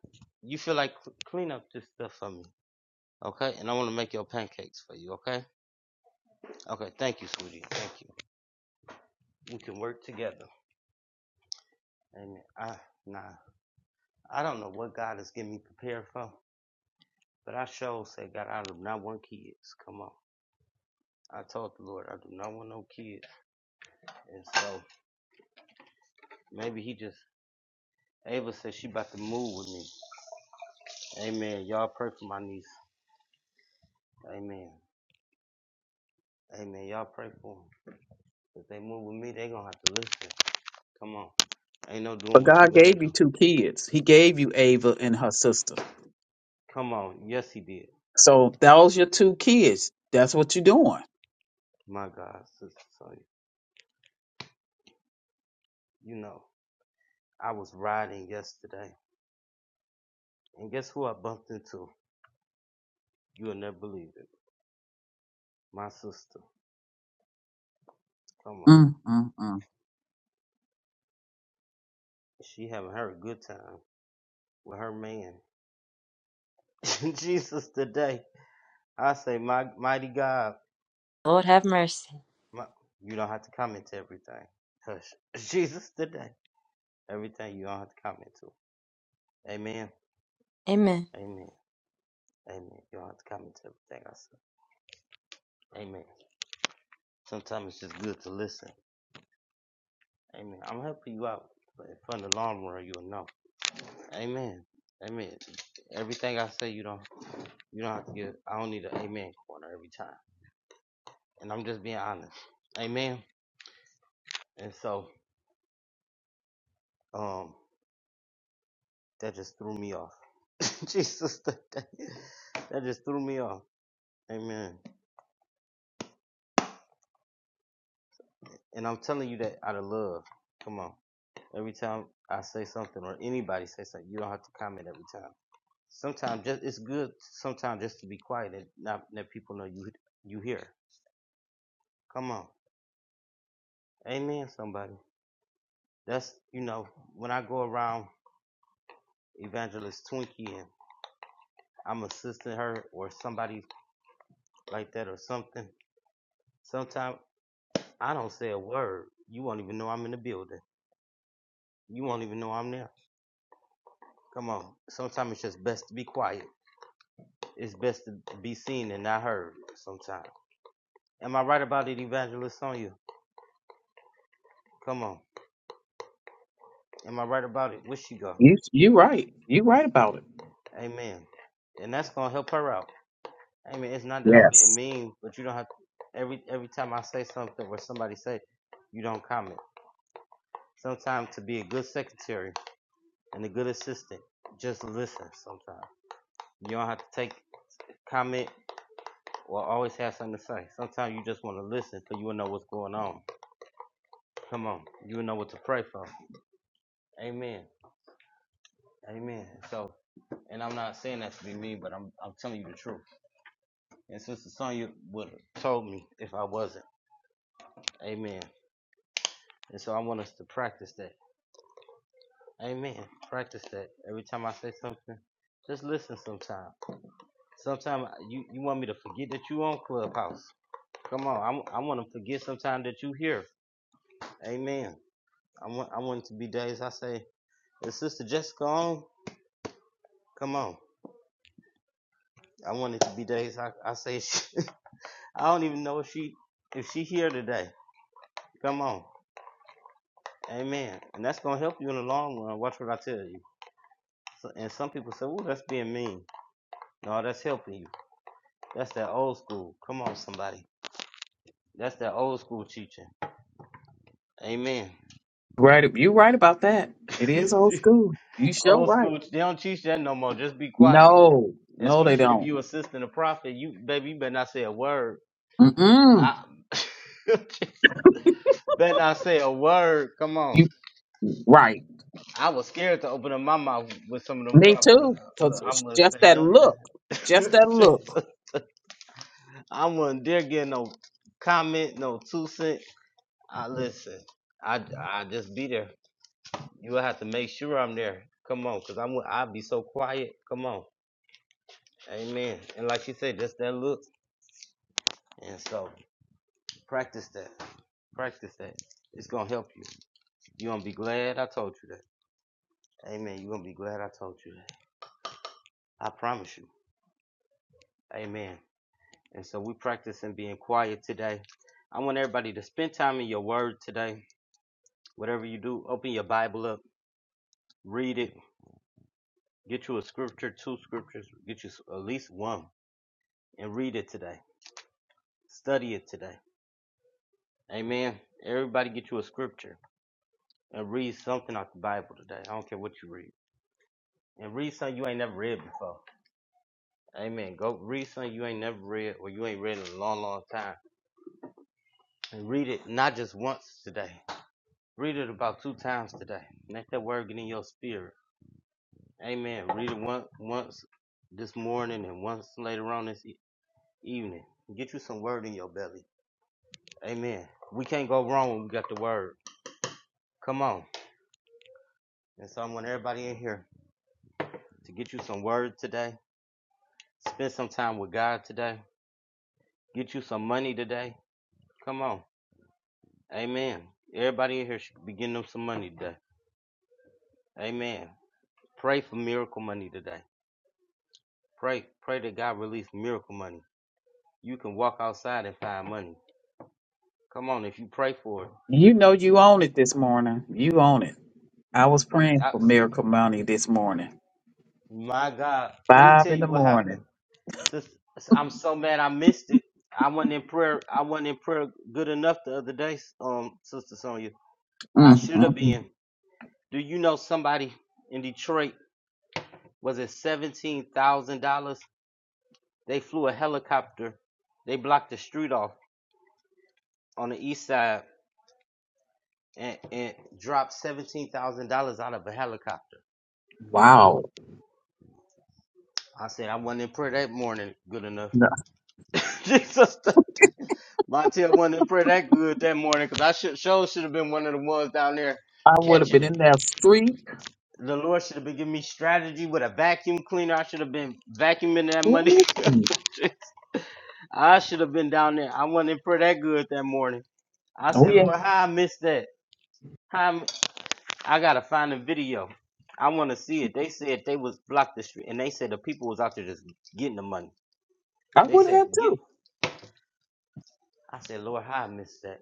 Speaker 1: You feel like cl- clean up this stuff for me, okay? And I want to make your pancakes for you, okay? Okay, thank you, sweetie. Thank you. We can work together. And I, nah, I don't know what God is getting me prepared for, but I sure said, God, I do not want kids. Come on. I told the Lord, I do not want no kids. And so maybe he just, Ava said she about to move with me. Amen. Y'all pray for my niece. Amen. Amen. Y'all pray for them. If they move with me, they gonna have to listen. Come on. Ain't no doing
Speaker 4: But
Speaker 1: what you
Speaker 4: God
Speaker 1: gonna
Speaker 4: gave you
Speaker 1: do.
Speaker 4: two kids. He gave you Ava and her sister.
Speaker 1: Come on. Yes, he did.
Speaker 4: So those your two kids. That's what you're doing.
Speaker 1: My God, sister. So you know, I was riding yesterday, and guess who I bumped into? You'll never believe it. My sister. Come on.
Speaker 4: Mm, mm, mm.
Speaker 1: She having her a good time with her man. Jesus today. I say, my mighty God.
Speaker 2: Lord have mercy.
Speaker 1: My, you don't have to comment to everything. Hush. Jesus today. Everything you don't have to comment to. Amen.
Speaker 2: Amen.
Speaker 1: Amen. Amen. You don't have to comment to everything I said. Amen. Sometimes it's just good to listen. Amen. I'm helping you out, but from the long run, you'll know. Amen. Amen. Everything I say, you don't, you don't have to get. I don't need an amen corner every time, and I'm just being honest. Amen. And so, um, that just threw me off. Jesus, that, that that just threw me off. Amen. And I'm telling you that out of love. Come on. Every time I say something or anybody say something, you don't have to comment every time. Sometimes just it's good sometimes just to be quiet and not let people know you you here. Come on. Amen, somebody. That's you know, when I go around evangelist Twinkie and I'm assisting her or somebody like that or something, sometimes I don't say a word. You won't even know I'm in the building. You won't even know I'm there. Come on. Sometimes it's just best to be quiet. It's best to be seen and not heard sometimes. Am I right about it, Evangelist Sonia? Come on. Am I right about it? Where she go?
Speaker 4: You you right. You right about it.
Speaker 1: Amen. And that's gonna help her out. Amen. It's not that I'm
Speaker 4: Yes.
Speaker 1: being mean, but you don't have to, every every time I say something or somebody say, you don't comment. Sometimes to be a good secretary and a good assistant, just listen sometimes. You don't have to take comment or always have something to say. Sometimes you just want to listen because you will know what's going on. Come on. You will know what to pray for. Amen. Amen. So and I'm not saying that to be mean, but I'm I'm telling you the truth. And Sister Sonya would have told me if I wasn't. Amen. And so I want us to practice that. Amen. Practice that. Every time I say something, just listen sometime. Sometime you, you want me to forget that you on Clubhouse. Come on. I'm- I, want to forget sometime that you here. Amen. I want, I want it to be days I say, is Sister Jessica on? Come on. I want it to be days I, I say, I don't even know if she, if she here today. Come on. Amen. And that's going to help you in the long run. Watch what I tell you. So, and some people say, oh, that's being mean. No, that's helping you. That's that old school. Come on, somebody. That's that old school teaching. Amen.
Speaker 4: Right, you right about that. It is old school. You sure
Speaker 1: old
Speaker 4: right.
Speaker 1: school. They don't teach that no more. Just be quiet.
Speaker 4: No, no, they
Speaker 1: Especially if
Speaker 4: don't.
Speaker 1: you assisting a prophet. You baby, you better not say a word.
Speaker 4: Mm-mm.
Speaker 1: I better not say a word. Come on.
Speaker 4: You right.
Speaker 1: I was scared to open up my mouth with some of them
Speaker 4: Me
Speaker 1: prophets.
Speaker 4: too.
Speaker 1: Look,
Speaker 4: Cause it's
Speaker 1: I'm gonna
Speaker 4: just
Speaker 1: say
Speaker 4: that look,
Speaker 1: nothing.
Speaker 4: just that look.
Speaker 1: I wasn't dare get no comment, no two cent. I listen. I I just be there. You will have to make sure I'm there. Come on, cause I'm I'll be so quiet. Come on. Amen. And like she said, just that look. And so practice that. Practice that. It's gonna help you. You're gonna be glad I told you that. Amen. You're gonna be glad I told you that. I promise you. Amen. And so we practicing being quiet today. I want everybody to spend time in your word today. Whatever you do, open your Bible up, read it, get you a scripture, two scriptures, get you at least one, and read it today. Study it today Amen. Everybody get you a scripture and read something out the Bible today. I don't care what you read. And read something you ain't never read before. Amen. Go read something you ain't never read or you ain't read in a long, long time. And read it not just once today. Read it about two times today. Let that word get in your spirit. Amen. Read it once, once this morning and once later on this e- evening. Get you some word in your belly. Amen. We can't go wrong when we got the word. Come on. And so I want everybody in here to get you some word today Spend some time with God today. Get you some money today. Come on. Amen. Everybody in here should be getting them some money today. Amen. Pray for miracle money today. Pray. Pray that God release miracle money. You can walk outside and find money. Come on, if you pray for it.
Speaker 4: You know you own it this morning. You own it. I was praying
Speaker 1: I-
Speaker 4: for Miracle Money this morning,
Speaker 1: my God. Let me
Speaker 4: five
Speaker 1: tell
Speaker 4: in the
Speaker 1: you what
Speaker 4: morning.
Speaker 1: happened. Sis- I'm so mad I missed it. I wasn't in prayer. I wasn't in prayer good enough the other day, um, Sister Sonia. I
Speaker 4: mm
Speaker 1: should
Speaker 4: mm
Speaker 1: have
Speaker 4: mm.
Speaker 1: been. Do you know somebody in Detroit was it seventeen thousand dollars? They flew a helicopter. They blocked the street off on the east side and, and dropped seventeen thousand dollars out of a helicopter.
Speaker 4: Wow,
Speaker 1: I said I wasn't in prayer that morning good enough.
Speaker 4: No,
Speaker 1: Jesus, Montel wasn't in prayer that good that morning because I should show should have been one of the ones down there
Speaker 4: I would have
Speaker 1: catching
Speaker 4: been in
Speaker 1: it.
Speaker 4: that street.
Speaker 1: The Lord should have been giving me strategy with a vacuum cleaner. I should have been vacuuming that money.
Speaker 4: Ooh.
Speaker 1: I should have been down there. I wasn't in prayer that good that morning. I
Speaker 4: Oh
Speaker 1: said,
Speaker 4: yeah,
Speaker 1: Lord, how I missed that? How I, mi- I gotta find the video. I want to see it. They said they was blocked the street, and they said the people was out there just getting the money.
Speaker 4: I
Speaker 1: They
Speaker 4: would have
Speaker 1: said get.
Speaker 4: too.
Speaker 1: I said, Lord, how I missed that?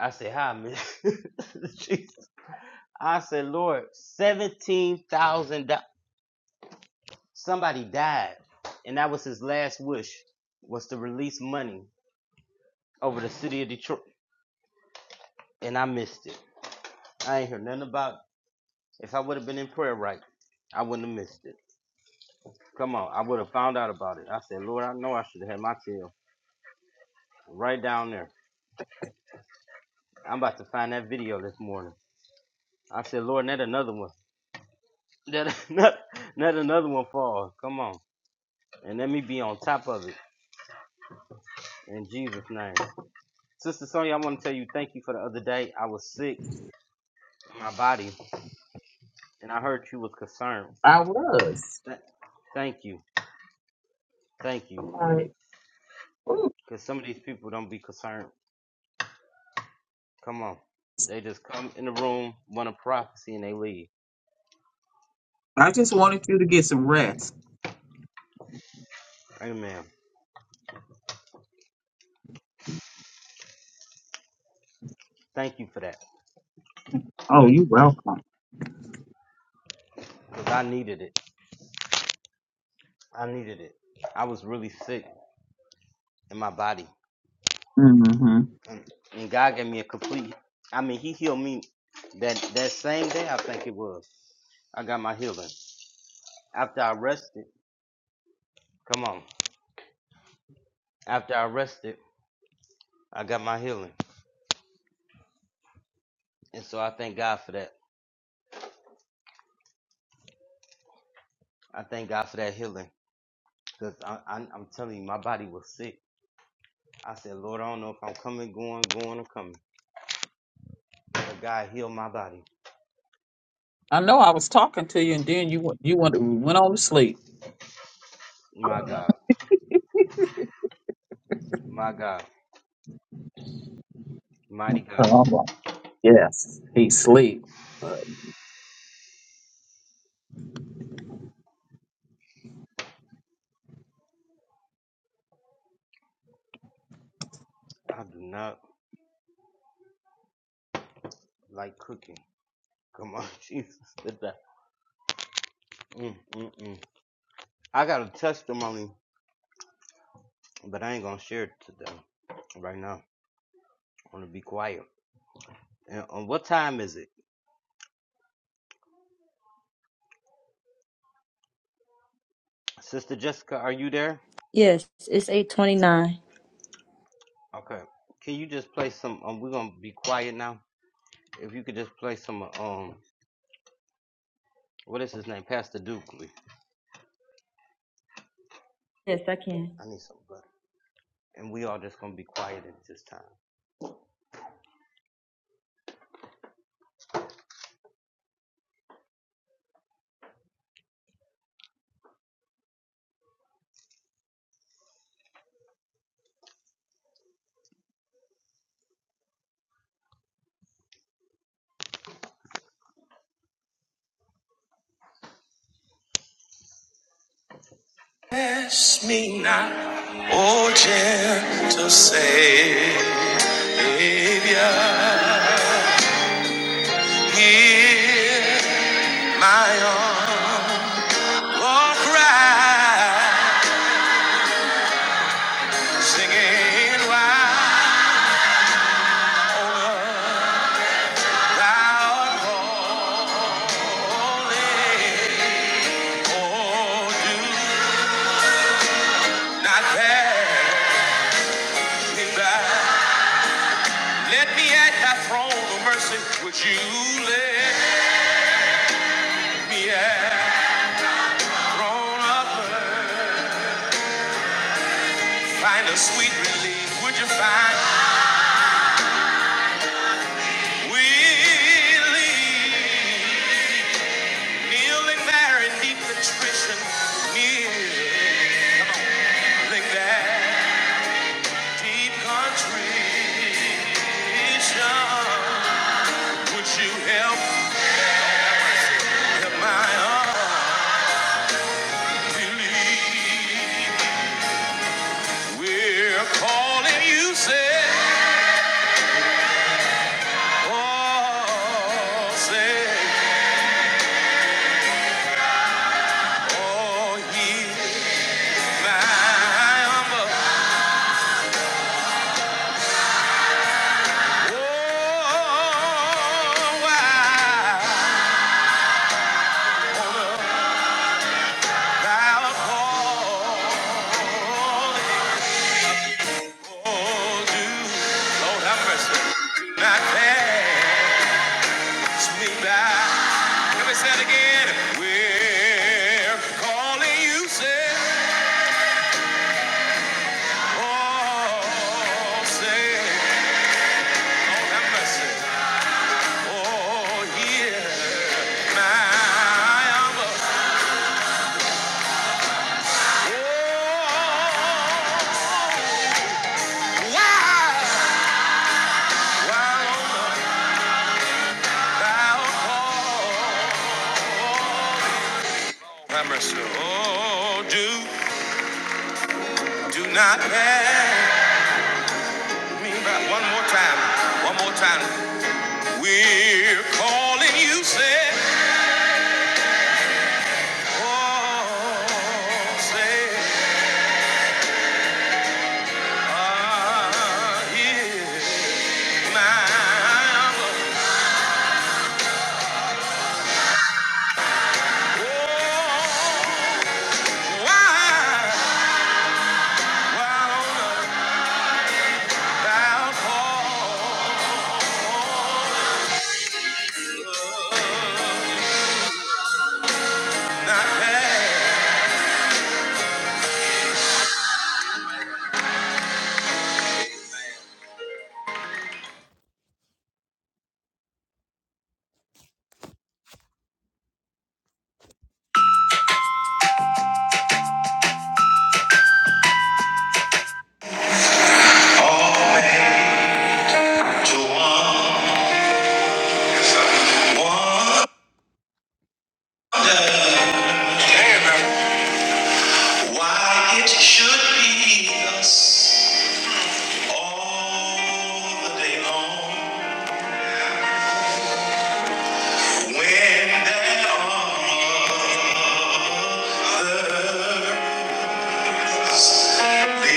Speaker 1: I said, how I missed. Jesus. I said, Lord, seventeen thousand dollars. Somebody died, and that was his last wish, was to release money over the city of Detroit, and I missed it. I ain't hear nothing about. It. If I would have been in prayer right, I wouldn't have missed it. Come on, I would have found out about it. I said, Lord, I know I should have had my tail right down there. I'm about to find that video this morning. I said, Lord, let another one, let, let, let another one fall. Come on, and let me be on top of it in Jesus' name. Sister Sonya, I want to tell you thank you for the other day. I was sick in my body, and I heard you was concerned.
Speaker 4: I was.
Speaker 1: Th- thank you, thank you,
Speaker 4: I'm like.
Speaker 1: because some of these people don't be concerned. Come on, they just come in the room, want a prophecy, and they leave.
Speaker 4: I just wanted you to get some rest.
Speaker 1: Amen. Thank you for that.
Speaker 4: Oh, you're welcome.
Speaker 1: because I needed it. I needed it. I was really sick in my body,
Speaker 4: hmm
Speaker 1: and, and God gave me a complete. I mean, He healed me that that same day. I think it was. I got my healing after I rested. Come on, after I rested, I got my healing, and so I thank God for that. I thank God for that healing because I, I, I'm telling you, my body was sick. I said, Lord, I don't know if I'm coming, going, going, or coming, but God healed my body.
Speaker 4: I know I was talking to you, and then you went- you went, went on to sleep.
Speaker 1: My God, my God, mighty God.
Speaker 4: Oh, I'm like, yes, he sleep.
Speaker 1: I do not like cooking. Come on, Jesus. With that. Mm, mm, mm. I got a testimony, but I ain't gonna share it today. Right now, I am going to be quiet. And um, what time is it, Sister Jessica? Are you there?
Speaker 2: Yes, it's eight twenty nine.
Speaker 1: Okay. Can you just play some? Um, we're gonna be quiet now. If you could just play some, uh, um, what is his name, Pastor Dukley.
Speaker 2: Yes, I can.
Speaker 1: I need some butter. And we all just gonna be quiet at this time.
Speaker 2: Ask me not, O gentle Savior, hear my humble cry, singing while oh, thou holy, oh do not pass me by. Let me at thy throne of mercy, would you let? Yeah, thrown up, find a sweet relief. Would you find relief? Kneeling there in deep contrition, kneeling, come on, kneeling there, deep contrition. Would you help, help my
Speaker 1: Help my, um,
Speaker 2: unbelief?
Speaker 1: my unbelief.
Speaker 2: We're calling you, say,
Speaker 1: Say
Speaker 2: oh, say. all ye lamb. Oh, I wanna bow before Lord, you. Lord, have mercy. Do not pass me by. Let me say it again. We're calling you, say, oh, say, Lord, have mercy. Oh, yeah, my Oh, do, do not pass me by. One more time. One more time. We're calling you, say, oh, say, ah, yeah, my love. Oh, why, why, When there are other. No more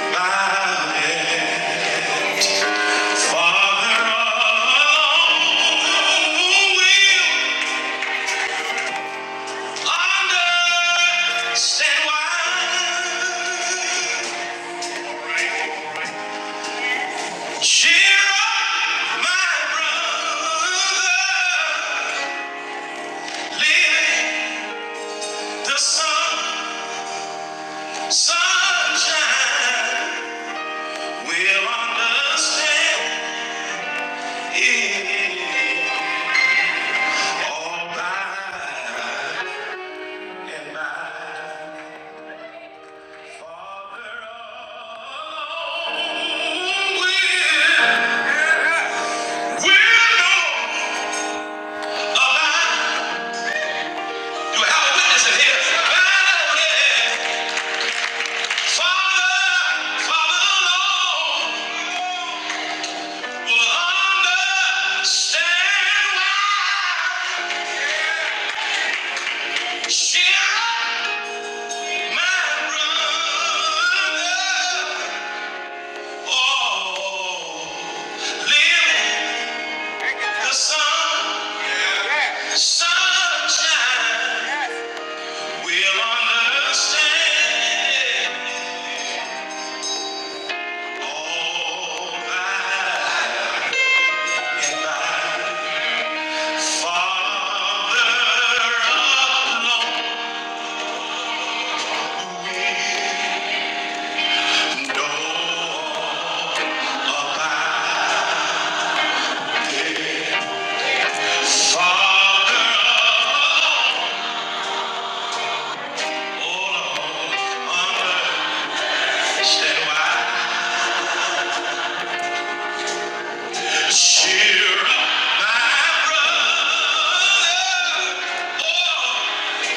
Speaker 2: about it. Father of will understand why. Cheer my brother, living the sun, sunshine. Will understand it all by and by. Oh live The sun, yeah. sunshine, will understand all thy and thy Father alone know about. Father understand why. Cheer my brother. Oh,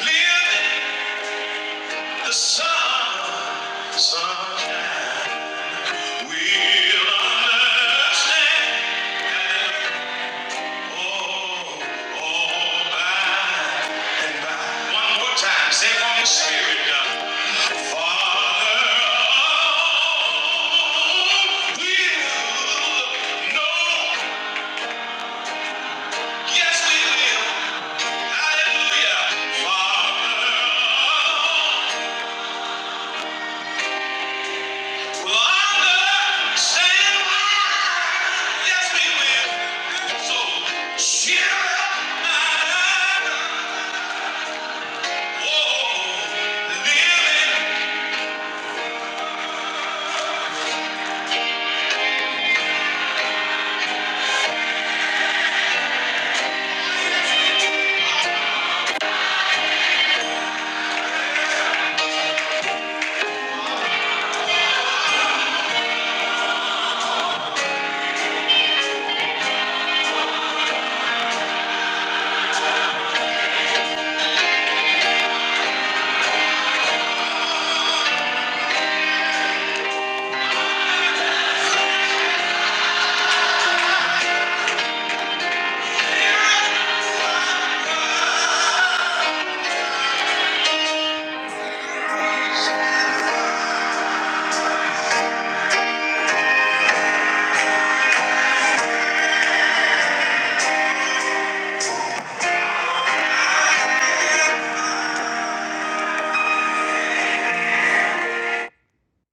Speaker 2: live the sunshine. We'll understand all- all by and by. One more time, say it one spirit, uh, Father, oh, we'll know. Yes, we will. Yes, So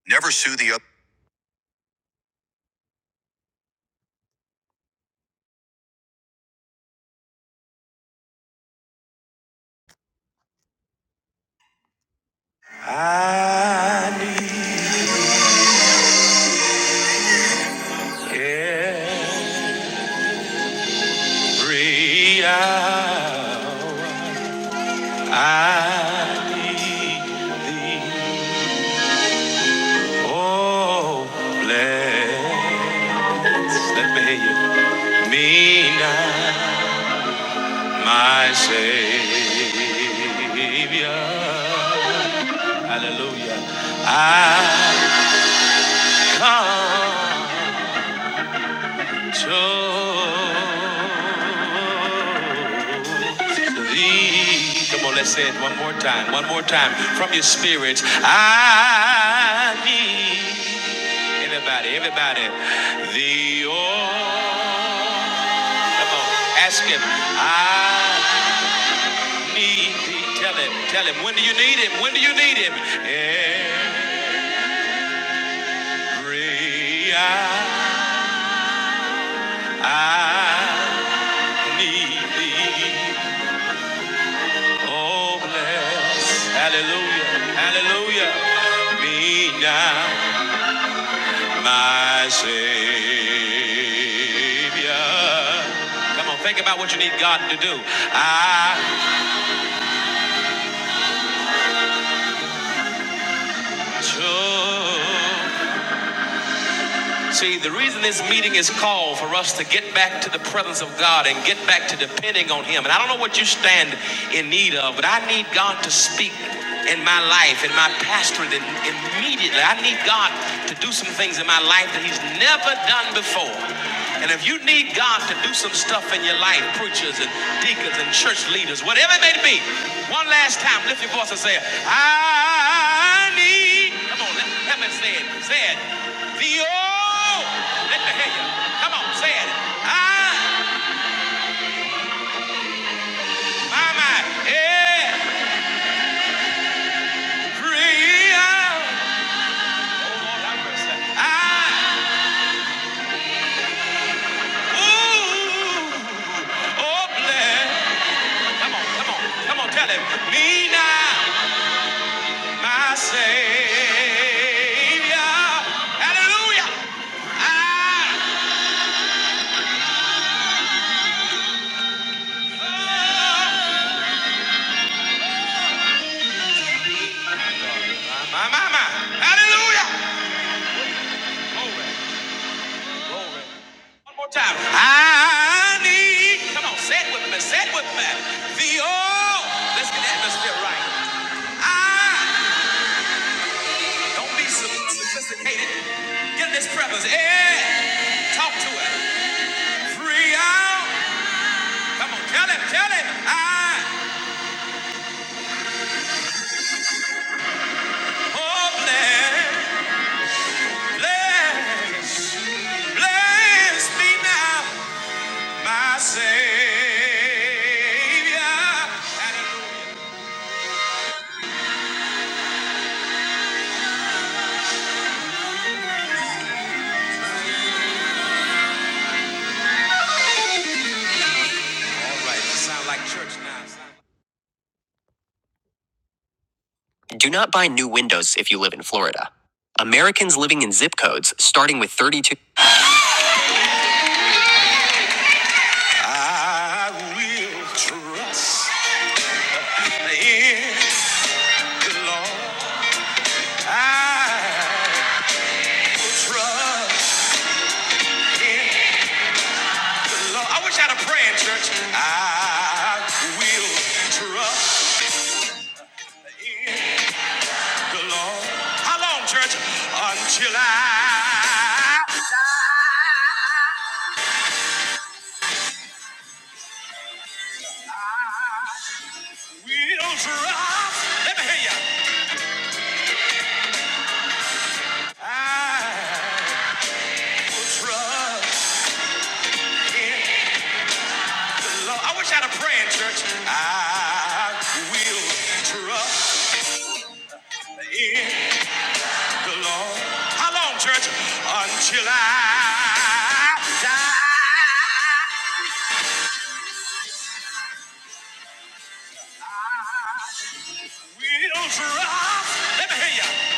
Speaker 2: Never sue the other. I need every hour. I need thee. Oh, bless the Savior, me now, my Savior. Hallelujah. I come. to Come on, let's say it one more time. One more time from your spirit. I need everybody, everybody. The oh, come on, ask him. I need thee. Tell him, tell him. When do you need him? When do you need him? Every hour I need thee. Oh, bless, hallelujah, hallelujah, me now, my Savior. Come on, think about what you need God to do. I took See, the reason this meeting is called for us to get back to the presence of God and get back to depending on Him. And I don't know what you stand in need of, but I need God to speak in my life, in my pastorate, and immediately. I need God to do some things in my life that He's never done before. And if you need God to do some stuff in your life, preachers and deacons and church leaders, whatever it may be, one last time, lift your voice and say, I need Come on, let help me say it. Say it. The oh, let me hear you. Come on, say it. I, my, my, every hour. Oh, Lord, have mercy. I, ooh, oh, bless. Come on, come on, come on, tell him. Me now, my Savior. Hallelujah. I, oh, my, my, my, my. Hallelujah. Glory. Glory. One more time. I need. Come on, say it with me. Say it with me. The oil. Let's get the atmosphere right. I don't be so sophisticated. Get in this presence. Yeah. Talk to it. Free out. Come on, tell him, tell him. I oh bless, bless, bless me now, my Savior. Hallelujah. All right, you sound like church now. Do not buy new windows if you live in Florida. Americans living in zip codes starting with 32. I will trust in the Lord. I will trust in the Lord. I wish I had a prayer in church. I will trust the Lord. How long, church? Until I die. Will trust. Let me hear you. I Trust in the Lord. I wish I had a prayer in church. I will trust in the Lord. How long, church? Until I die. Will trust. Let me hear you.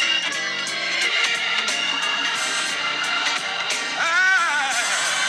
Speaker 2: I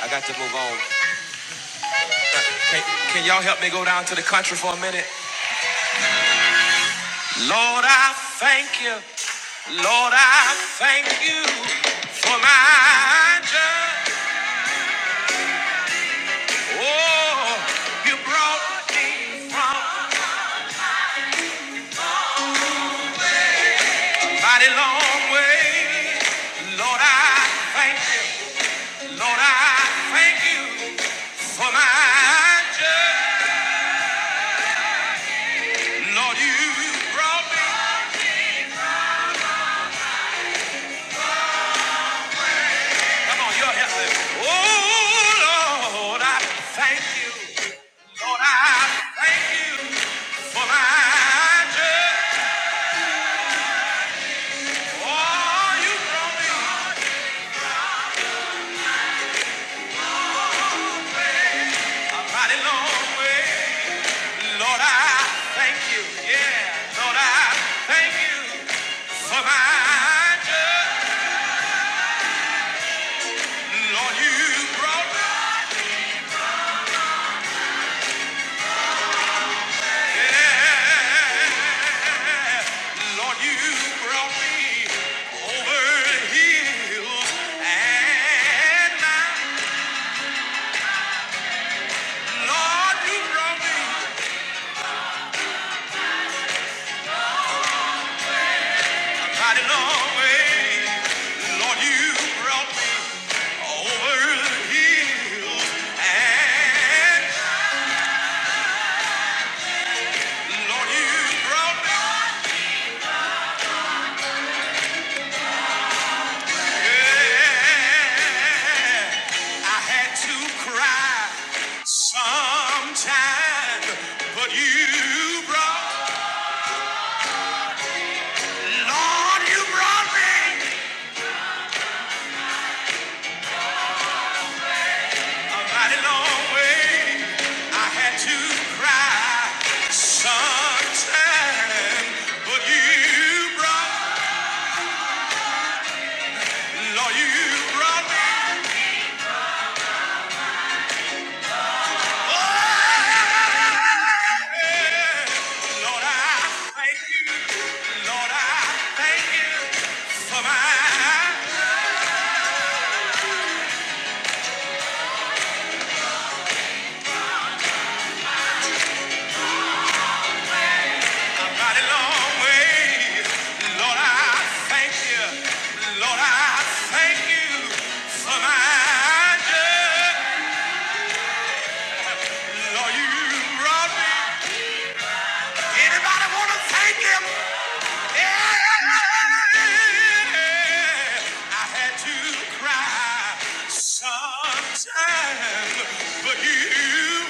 Speaker 2: I got to move on. Can, can y'all help me go down to the country for a minute? Lord, I thank you. Lord, I thank you for my journey. Oh, you brought me from a mighty long way. Lord, I thank you. Lord, I thank you for my journey. Lord, you brought me. Come on, you're helping. Oh, Lord, I thank you. Lord, I thank you for my journey. Oh, you brought me. Mighty long way. Lord, I thank you. Yeah, Lord, I thank you for my journey. Lord, you brought me. Yeah, Lord, you brought me over hills and mountains. Lord, you brought me mighty long way. Lord, you brought me over hills and Lord, you brought me. Yeah, I had to cry sometime, but you brought, Lord, you brought me a mighty long way. I had to cry sometime, but you brought, Lord, you brought me. Oh, Lord, I thank you. Lord, I thank you for my mighty long way. Lord, I thank you. Lord, I thank you for my journey. Lord, you brought me. Anybody want to thank him? Yeah. I had to cry sometime, but you.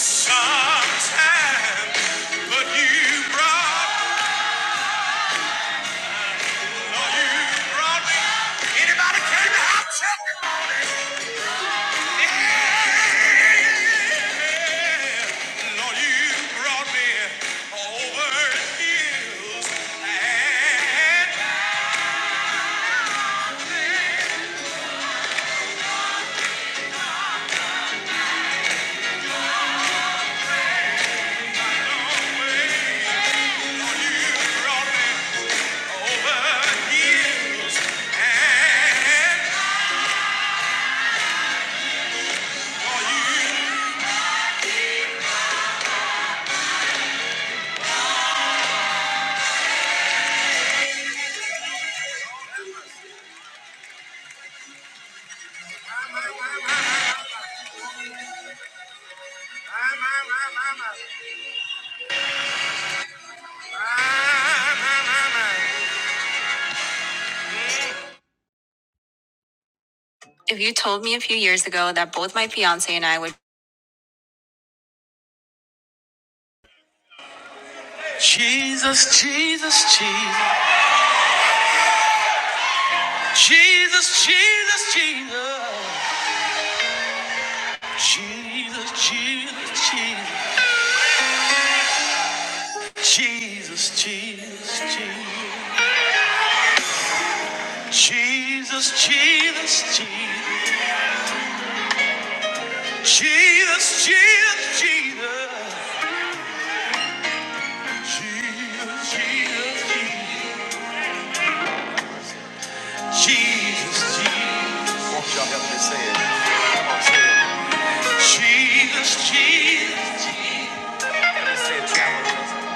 Speaker 2: Sometimes, but you brought, no, you brought me. Anybody came to have testimony? Yeah. Lord, you brought me over hills and over hills and My, my, my, my. If you told me a few years ago that both my fiance and I would Jesus, Jesus, Jesus, Jesus, Jesus, Jesus, Jesus, Jesus, Jesus, Jesus, Jesus, Jesus, Jesus. Jesus, Jesus, Jesus, Jesus, Jesus, Jesus, Jesus, Jesus. Won't y'all help me say it? Come on, say it. Jesus, Jesus, Jesus. Let me say it together.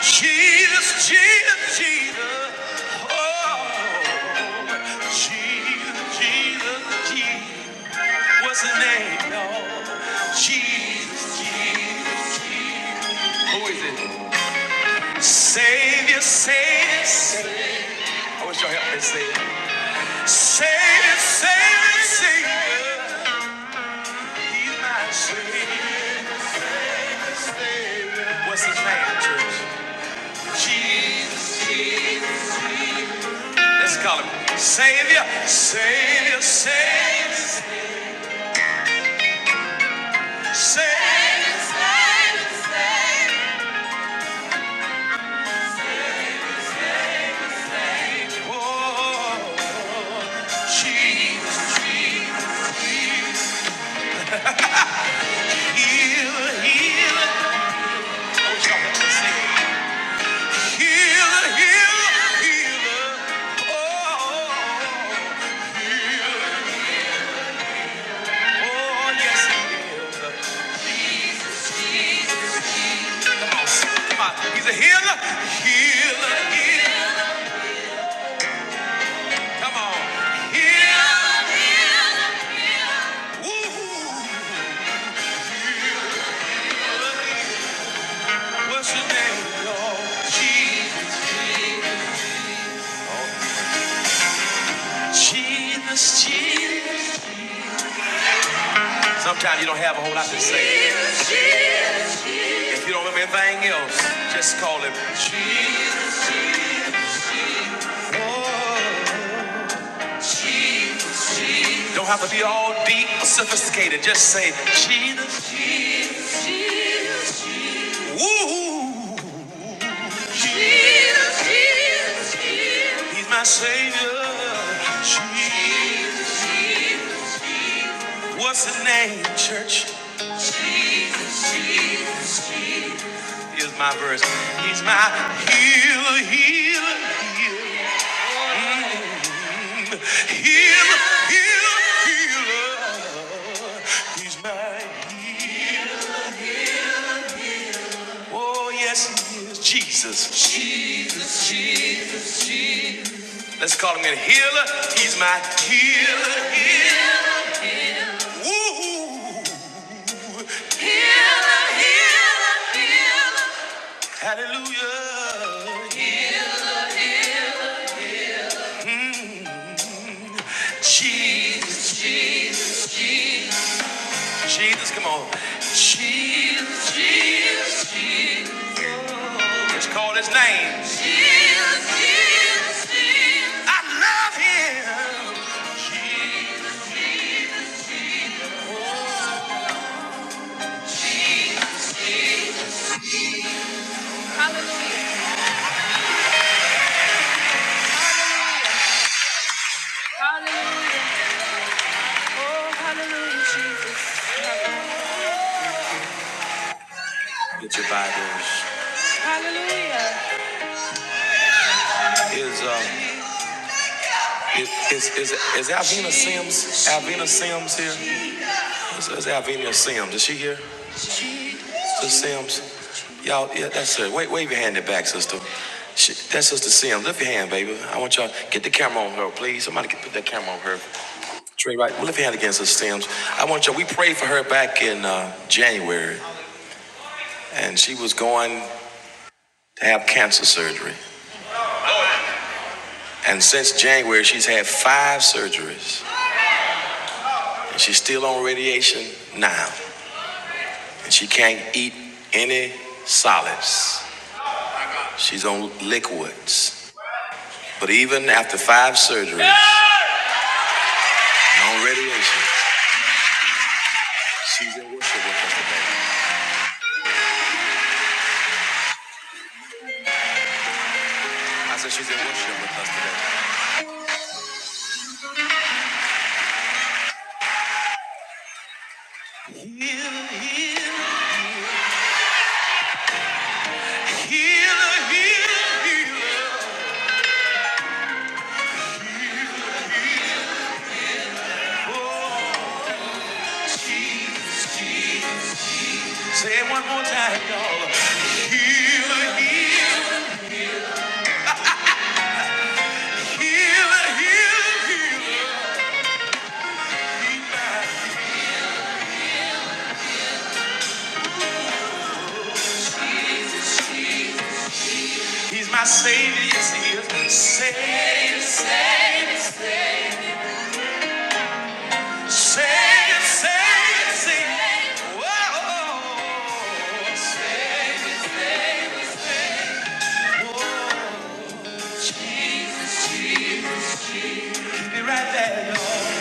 Speaker 2: Jesus, Jesus, Jesus. Oh, Jesus, Jesus, Jesus. What's his name, Lord? Jesus, Jesus, Jesus. Who is it? Savior, Savior, Savior. I wish y'all help me say it. Savior, Savior, Savior. What's his name, church? Jesus. Jesus. Let's call him Savior, Savior, Savior, Savior. Savior. Savior. Savior. Oh, Jesus, Jesus, Jesus. healer, healer. Oh, y'all could just sing Healer, healer, healer. Oh, oh, oh, oh, yes. Come on. Come on. He's a healer. Healer. Healer. Come on. Healer. Woo. What's your name, Lord? Jesus. Jesus. Jesus. Sometimes you don't have a whole lot to say. If you don't remember anything else, just call him Jesus. Oh. Don't have to be all deep or sophisticated. Just say Jesus. Jesus. Woo. Jesus. Jesus. He's my savior. Jesus. What's his name, church? Here's my verse. He's my healer, healer, healer. Mm. Healer, healer, healer. He's my healer. Oh, yes, he is. Jesus. Jesus, Jesus. Let's call him a healer. He's my healer, healer. Woo! Hallelujah. Mm-hmm. Jesus, Jesus, Jesus, come on. Jesus, Jesus, Jesus. Just call his name. Jesus. I love him. Jesus. Hallelujah. Hallelujah. Oh, hallelujah, Jesus. Get your Bibles. Hallelujah. Is uh is is is, is Alvina Sims Alvina Sims here? Is, is Alvina Sims? Is she here? Sister Sims, y'all, yeah, that's her. Wait, wave your hand in the back, sister. She, that's Sister Sims. Lift your hand, baby. I want y'all get the camera on her, please. Somebody get, put that camera on her. Trey, right? Lift your hand again, Sister Sims. I want y'all. We prayed for her back in uh, January, and she was going to have cancer surgery. And since January, she's had five surgeries, and she's still on radiation now, and she can't eat any solids. She's on liquids. But even after five surgeries, no radiation, she's in worship with us today. I said she's in worship with us today. Oh, she, say it one more time, y'all. Healer, healer, healer, healer, healer. He's my savior, yes he is. Savior, savior, savior, savior, savior, savior. Whoa, oh, oh, oh. Keep it right there, y'all.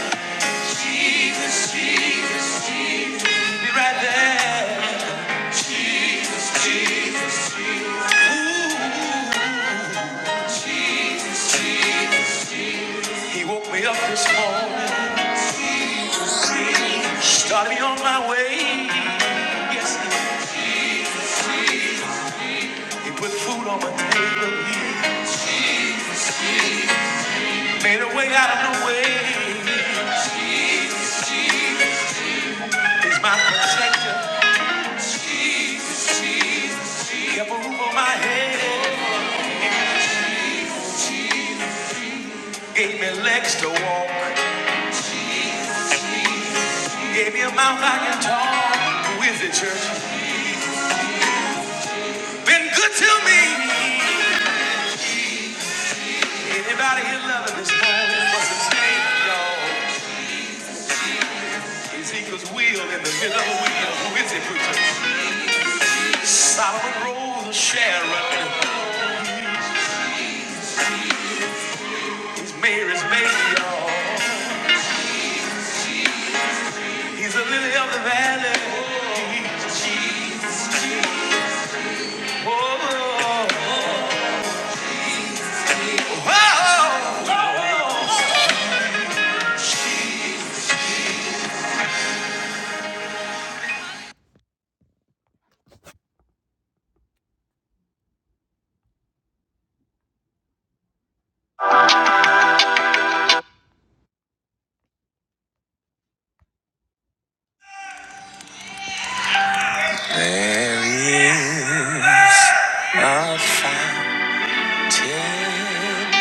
Speaker 2: Keep it right there. Ooh. He woke me up this morning, started me on my way. Yes, he put food on my table. He made a way out of no way. He's my protector. He kept a roof on my head. Gave me legs to walk. He gave me a mouth I can talk. Who is it, church? Been good to me. Anybody here loving this morning? What's his name, y'all? Ezekiel's wheel in the middle of the wheel. Who is it, preacher? Solomon Rose, of Sharon. He's Mary's baby, y'all. He's a lily of the valley. Jesus, Jesus, Jesus. Oh, oh, oh, oh. oh,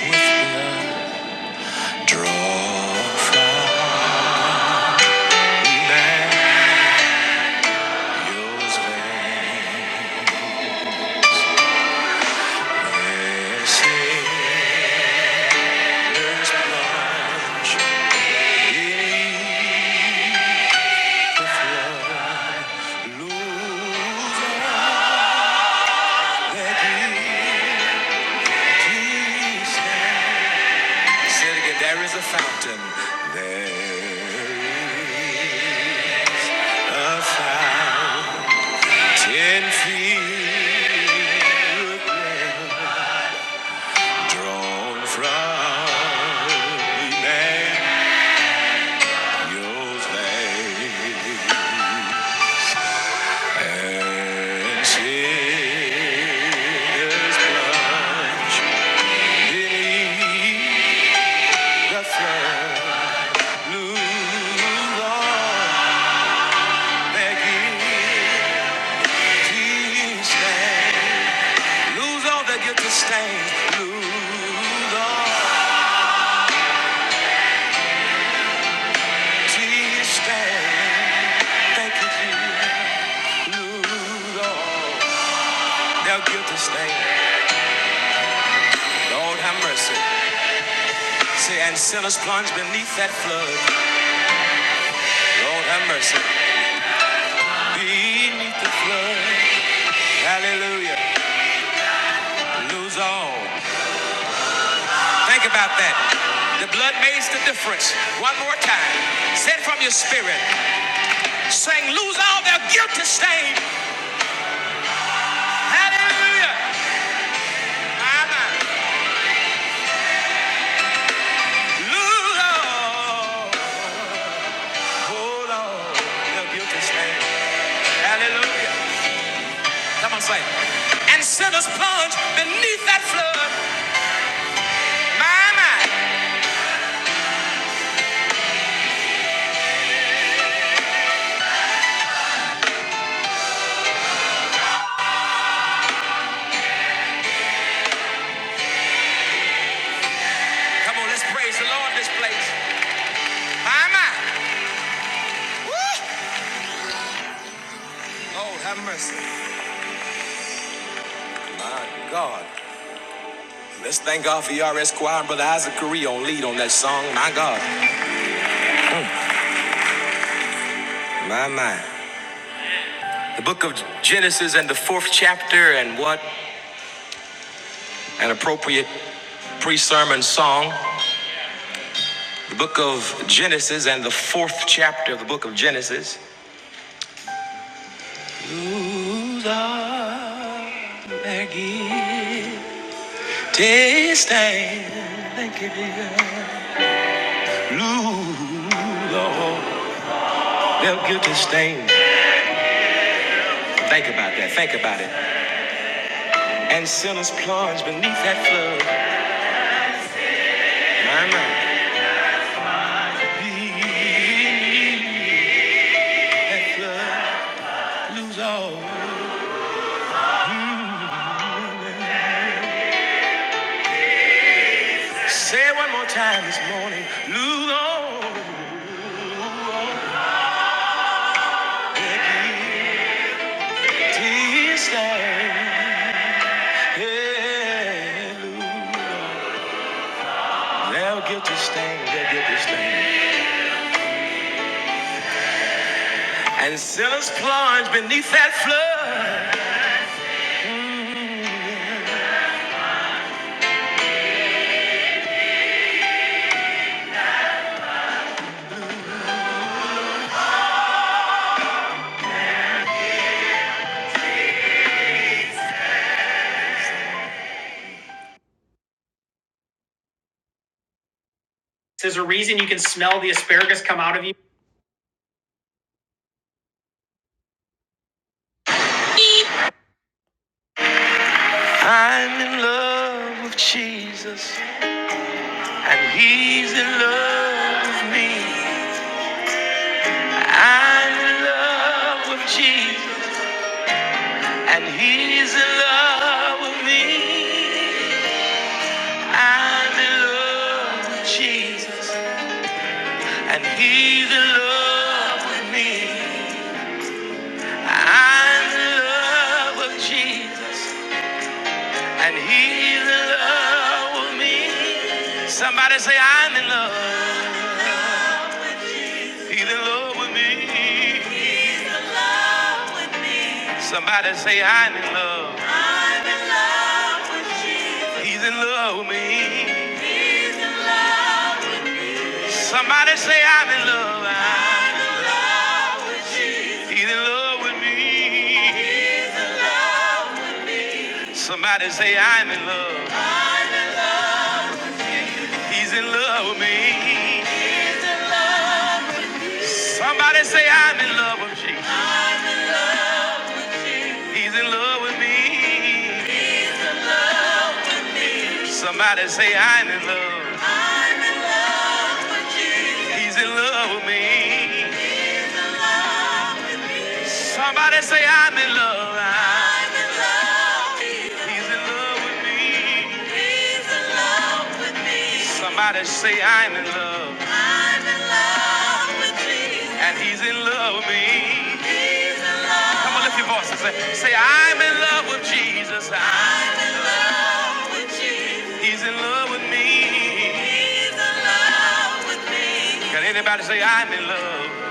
Speaker 2: And Draw from there yours various sinners plunge in flood. Lose all that we stand. There is a fountain. There is a fountain field drawn from Emmanuel's veins, And sinners plunge beneath the flood. Blue on their guilty stain. Lose all that get to stay. Lose all till you stay. Thank you, Jesus. Lose all that get to stay. Lord have mercy. Say, and sinners plunge beneath that flood. Lord have mercy. Beneath the flood. Hallelujah. Lose all. Think about that. The blood makes the difference. One more time. Say it from your spirit. Saying, lose all their guilty stain. Hallelujah. My, my. Come on, say. And sinners plunge beneath that flood. My, my. Come on, let's praise the Lord in this place. My, my. Woo! Lord, have mercy. My God. Let's thank God for ERS Choir and Brother Isaac Correa on lead on that song. My God. My, my. The book of Genesis and the fourth chapter and what an appropriate pre-sermon song. book of Genesis and the fourth chapter of the book of Genesis. Taste and thank you, dear. Lose all, lose all. Say it one more time this morning. Lose all, lose all Taste and yeah, lose all. They'll get to stand, they'll get to stand. and sinners plunge beneath that flood. I'm in love with Jesus, and He's in love with me. I'm in love with Jesus, and He's in love with me. And I'm in love with Jesus, and He's in love with me. Somebody say, I'm in love. He's in love with me. Somebody say, I'm in love. He's in love with me. Somebody say I'm in love. I'm in love with Jesus. He's in love with me. Somebody say I'm in love. He's in love with me. Somebody say I'm in love with Jesus. He's in love with me. Somebody say I'm in love. He's in love with me. Somebody say I'm in love. I'm in love. He's in love with me. Somebody say I'm in love. and he's in love with me. Come on, lift your voice and Say, say I'm in love with Jesus. I'm in love. He's in love with me. Can anybody say I'm in love?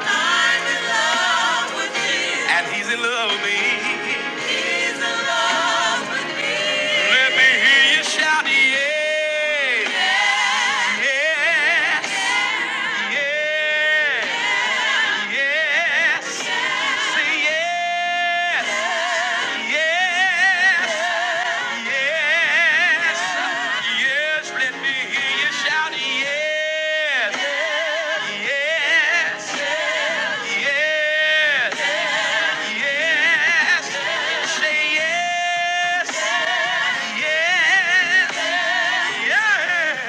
Speaker 2: And he's in love with me. Let me hear you shout, yeah, yes, yes.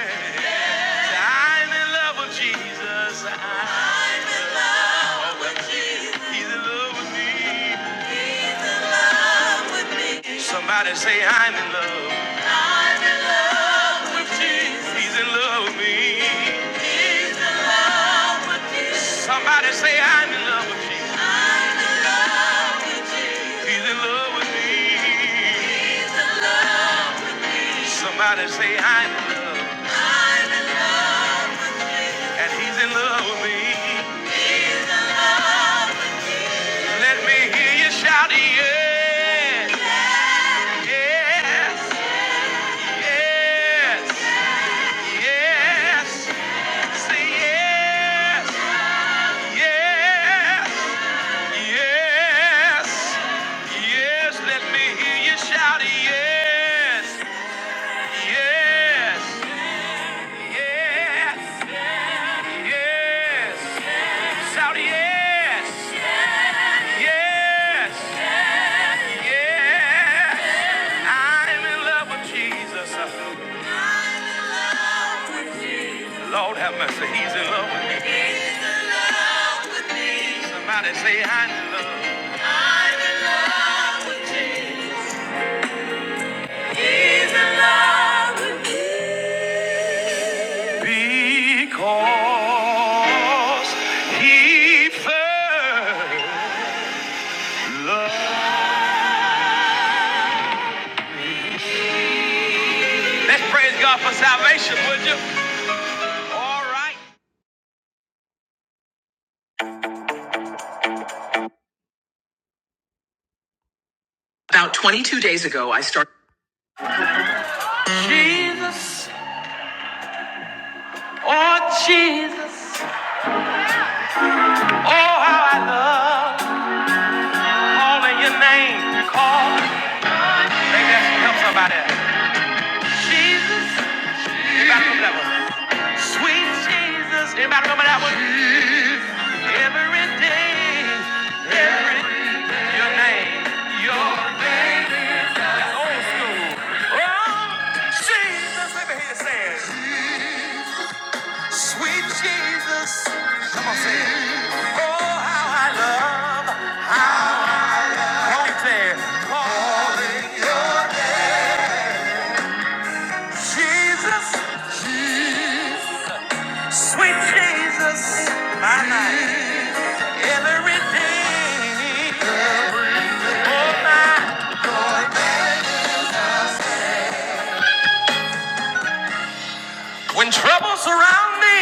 Speaker 2: Say, I'm in love with Jesus. I'm in love with Jesus. He's in love with me. Somebody say I'm in love. He's in love with me. Somebody say I'm in love with you. He's in love with me. And he will be. They hear you shout, yes, yes, yes, yes. Say yes, yes, yes, yes. Let me hear you shout, yes, yes, yes, yes. Shout yes. Yes, yes, yes. Yes. I'm in love with Jesus. I'm in love with Jesus. Lord have mercy, He's in love with me. He's in love with me. Somebody say, I'm in love. Oh, He first. Let's praise God for salvation, would you? All right. About 22 days ago, I started. Jesus, oh Jesus, oh how I love calling your name. Call, maybe that baby, help somebody. Jesus. Anybody remember that one? Sweet Jesus. everybody remember that one? Every day, every your name, your name. Old school. Oh, Jesus. Let me hear you say it. Sweet Jesus. Come on, say it. Oh, how I love, how I love. Come on, say it. Holy Jesus. Sweet Jesus. My night. Every day. Troubles around me,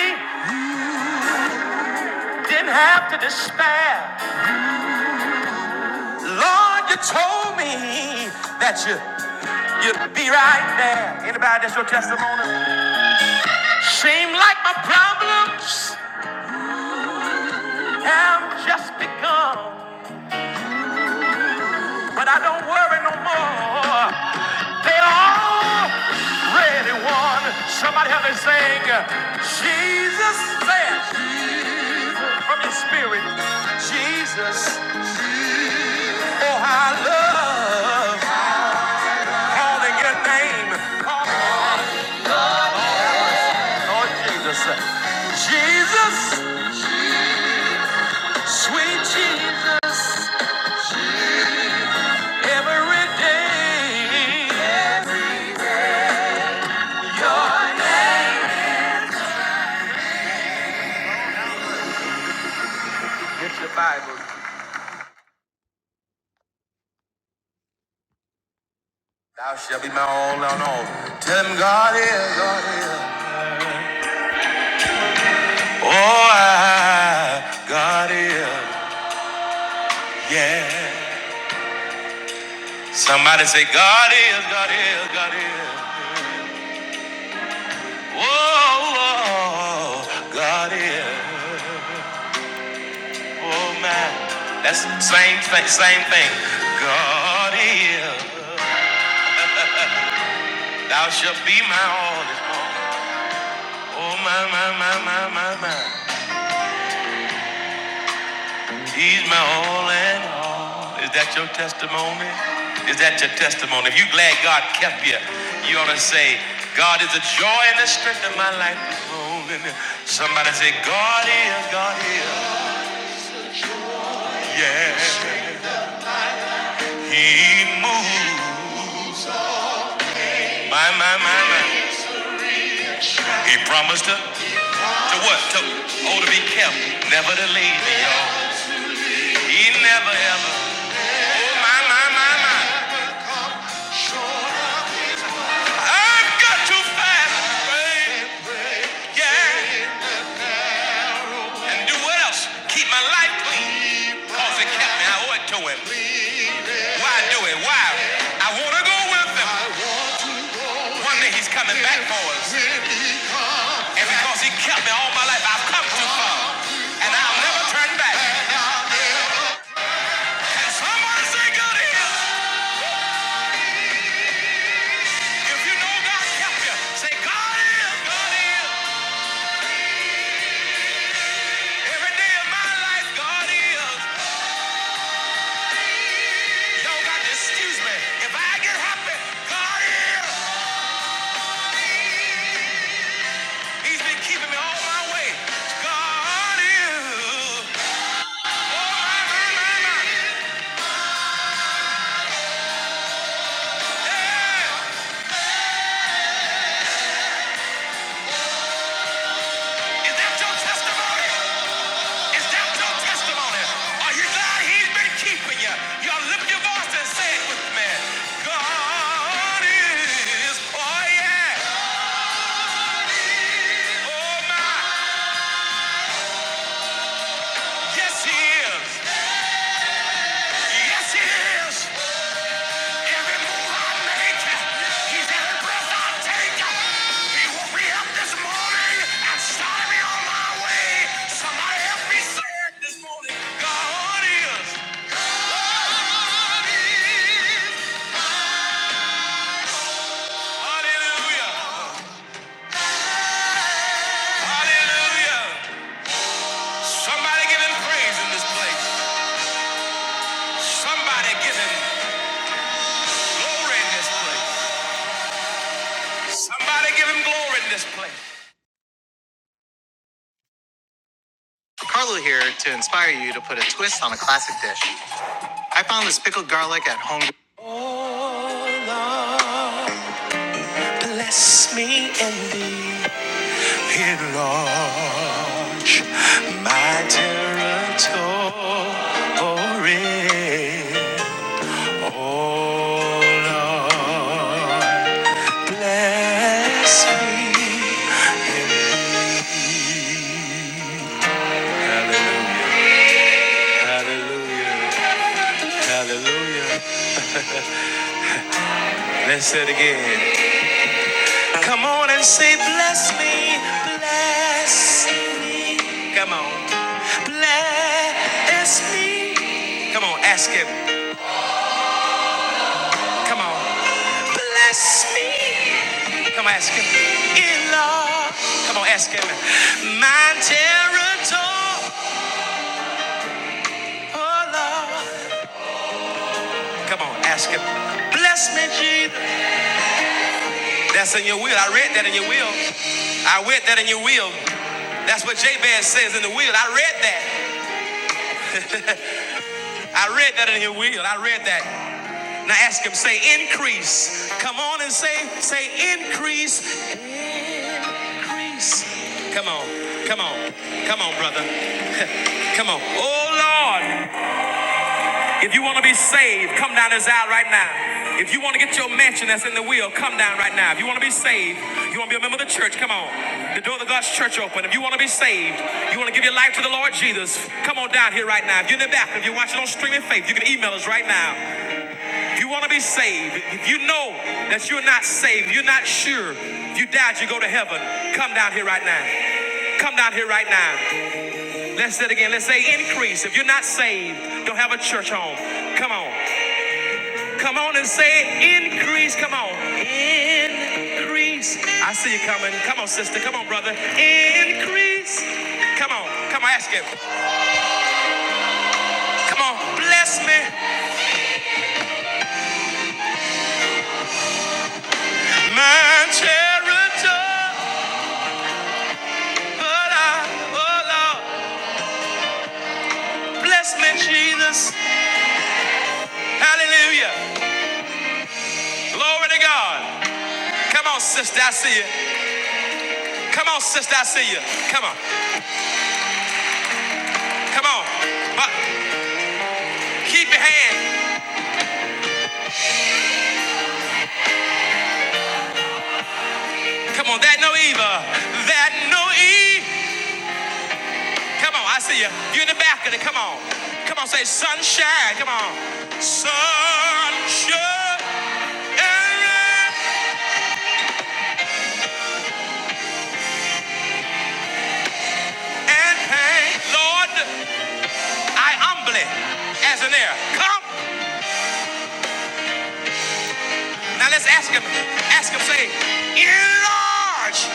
Speaker 2: didn't have to despair. Lord, you told me that you you'd be right there. Anybody that's your testimony? Seem like my problems have just begun. But I don't worry no more. They already won. Somebody help me sing. Jesus says from your spirit. Jesus. Oh, I love calling your name, Lord Jesus. Jesus, sweet Jesus, every day. Your name. Get your Bible. Thou shalt be my all and all. Tell him God is, God is. Oh, I, God is, yeah. Somebody say, God is, God is, God is. Whoa, God is. Oh man, that's the same thing. Same thing. God is. Thou shalt be my all. Oh my, my, my, my, my, my. He's my all and all. Is that your testimony? Is that your testimony? If you're glad God kept you, you ought to say, God is the joy and the strength of my life. Somebody say, God is, God is. Yeah, He moves. My, my, my, my. He promised her to what? To oh to be kept, never to leave me. y'all. he never ever. Oh my my my my. I've got to find a yeah, and do what else? Keep my life clean. Cause it kept me. I owe it to him. Why do it? Why? I wanna go with him. One day he's coming back for us, and because he kept me all my life, I've come too far, and I'll never turn back. Can someone say good to him? If you know God kept you, say God is, God is. Every day of my life, God is. Y'all got to excuse me. If I get happy, God is. He's been keeping me all my way. God is. Oh, my, my, my. Is that your testimony? Is that your testimony? Are you glad he's been keeping you? Y'all lift your voice and say it with me. God is. Oh, yeah. Oh, my. Yes, he is. Yes, he is. Every move I make, he's every breath I take. He woke me up this morning and started me on my way. Somebody help me say it this morning. God is. God is. Hallelujah. Hallelujah. Somebody give him praise in this place. Somebody give him glory in this place. Somebody give him glory in this place. Carlo here to inspire you to put a twist on a classic dish. I found this pickled garlic at home. Bless me indeed, enlarge my territory. Oh Lord, bless me indeed. Hallelujah. Hallelujah. Hallelujah. Let's say it again. Come on and say, bless me, bless me. Come on. Bless me. Come on, ask him. Come on. Bless me. Come on, ask him. In love. Come on, ask him. My territory. Come on, ask him. Bless me, Jesus. That's in your will. I read that in your will. I read that in your will. That's what Jabez says in the will. I read that. I read that in your will. I read that. Now ask him, say increase. Come on and say, say increase. Increase. Come on. Come on. Come on, brother. Come on. Oh Lord. If you want to be saved, come down this aisle right now. If you want to get your mansion that's in the will, come down right now. If you want to be saved, you want to be a member of the church, come on. The door of the God's church open. If you want to be saved, you want to give your life to the Lord Jesus, come on down here right now. If you're in the back, if you're watching on Streaming Faith, you can email us right now. If you want to be saved, if you know that you're not saved, you're not sure, if you doubt you go to heaven, come down here right now. Come down here right now. Let's say it again. Let's say increase. If you're not saved, don't have a church home. Come on. Come on and say increase. Come on. Increase. I see you coming. Come on, sister. Come on, brother. Increase. Come on. Come on, ask him. Come on. Bless me. My territory. Oh, Lord. Bless me, Jesus. Hallelujah. Glory to God. Come on, sister. I see you. Come on, sister. I see you. Come on. Come on. Uh, keep your hand. Come on. That no evil. That no evil. Come on, I see you. You in the back of it. Come on. Come on, say sunshine. Come on. Sunshine and pain. Lord, I humbly as an heir. Come. Now let's ask him. Ask him, say, enlarge.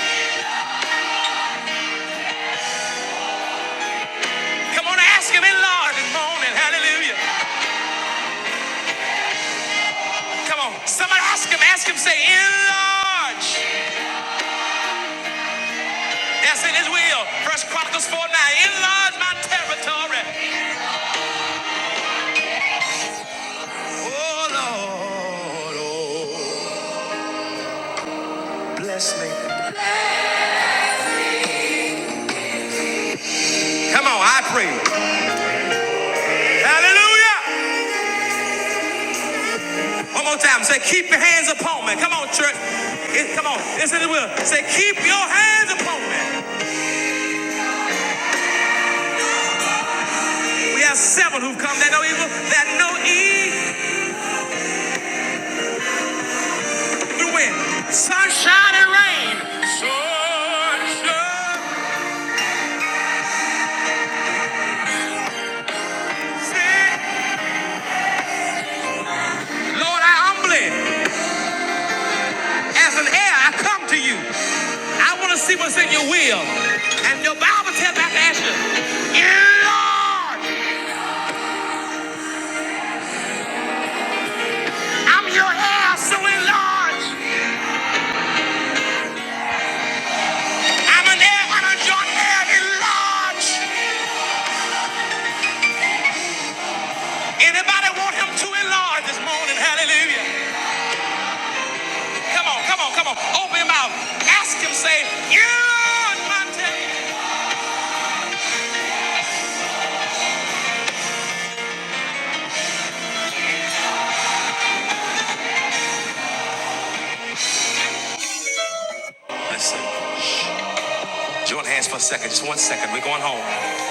Speaker 2: Come on, ask him, enlarge this morning. Hallelujah. Come on. Somebody ask him, ask him, say, enlarge. That's in his will. First Chronicles 4 9. Enlarge my territory. Oh Lord. Oh. Come on, I pray. Hallelujah. One more time. Say, keep your hands upon me. Come on, church. It- come on. This is the will. Say, keep your hands upon me. We have seven who've come that know evil, that know evil through wind, sunshine and rain. Say, Lord, I humbly, as an heir, I come to you. I want to see what's in your will. And your Bible tells me I can ask you, enlarge. I'm your heir, so enlarge. I'm an heir and a joint heir enlarged. Anybody want him to enlarge this morning? Hallelujah. Come on, come on, come on. Open your mouth. Ask him, say, you mountain. Listen, join hands for a second. Just one second. We're going home.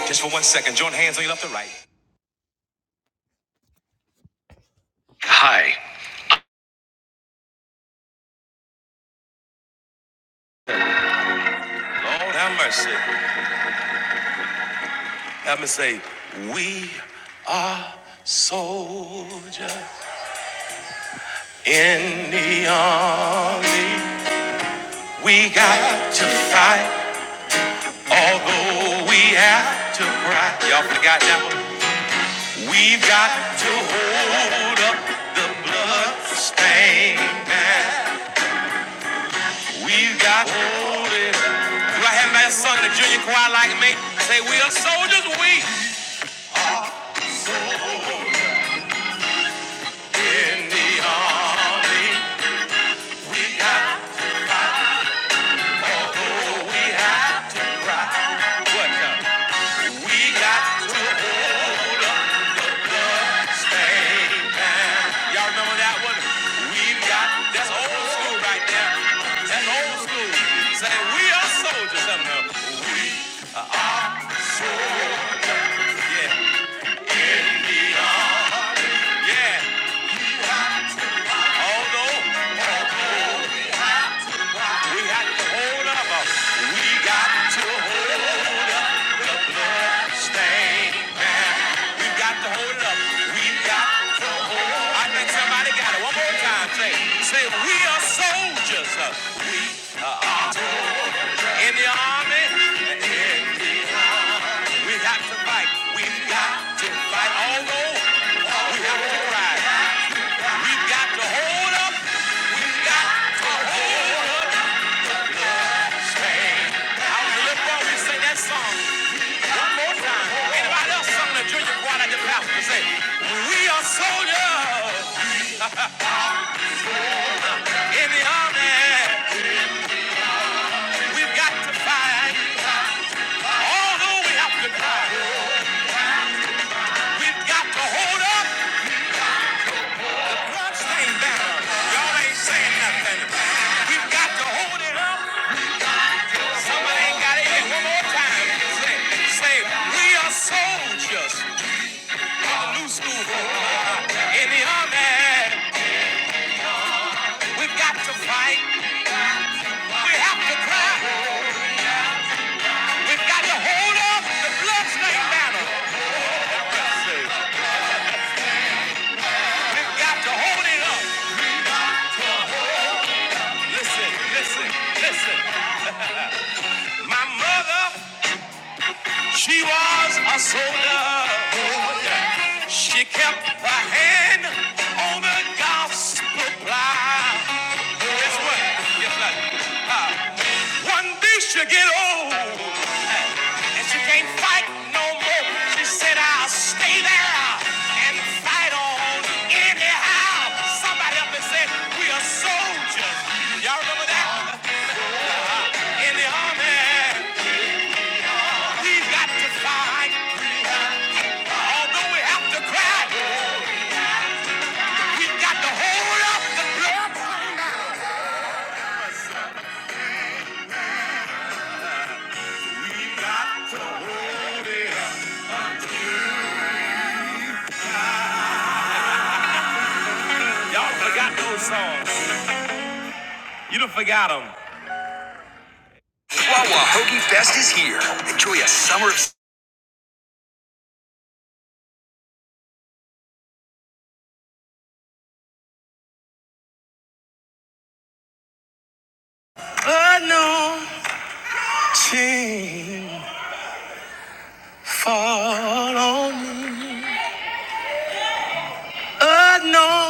Speaker 2: Just for one second. Join hands on your left and right. Hi. Lord have mercy. Have me say, we are soldiers in the army. We got to fight Although we have to cry, y'all forgot that one. We've got to hold up the bloodstained stain. We've got to hold it up. Do I have that son in the junior choir like me? Say we are soldiers, we in the army. We got to, we have to cry. What? the- We got. We got to hold up. We got to hold up the blood We got to hold up. We got to hold up. I think somebody got it. One more time. Say, say we are soldiers. We are in the army. We got to fight. We got to fight. Although we have to cry. We got to hold up. We got to hold up. I was a little boy. We sing that song. One more time. Anybody else sung the junior choir like the pastor say? We are soldiers in the army. We've got to fight. Although we have to die, we've got to hold up. One stain banner. Y'all ain't saying nothing. We've got to hold it up. Somebody ain't got it. Hey, One more time. Say, say, we are soldiers in the new school. In the army, we've got to fight. We have to cry. We've got to hold up the bloodstained banner. We've got to hold it up. Listen, listen, listen. My mother, she was a soldier. She kept her hand on the gospel plow. Guess what? Guess what? Ah. One day she'll get old. And she can't fight no more. She said, I'll stay there and fight on anyhow. Somebody up and said, We are soldiers. Y'all remember that? In the army, we've got to fight. Although we have to cry, we've got to hold up the blood. Y'all forgot those songs. You done forgot them. Wawa Hoagie Fest is here. Enjoy a summer of... I know, I know,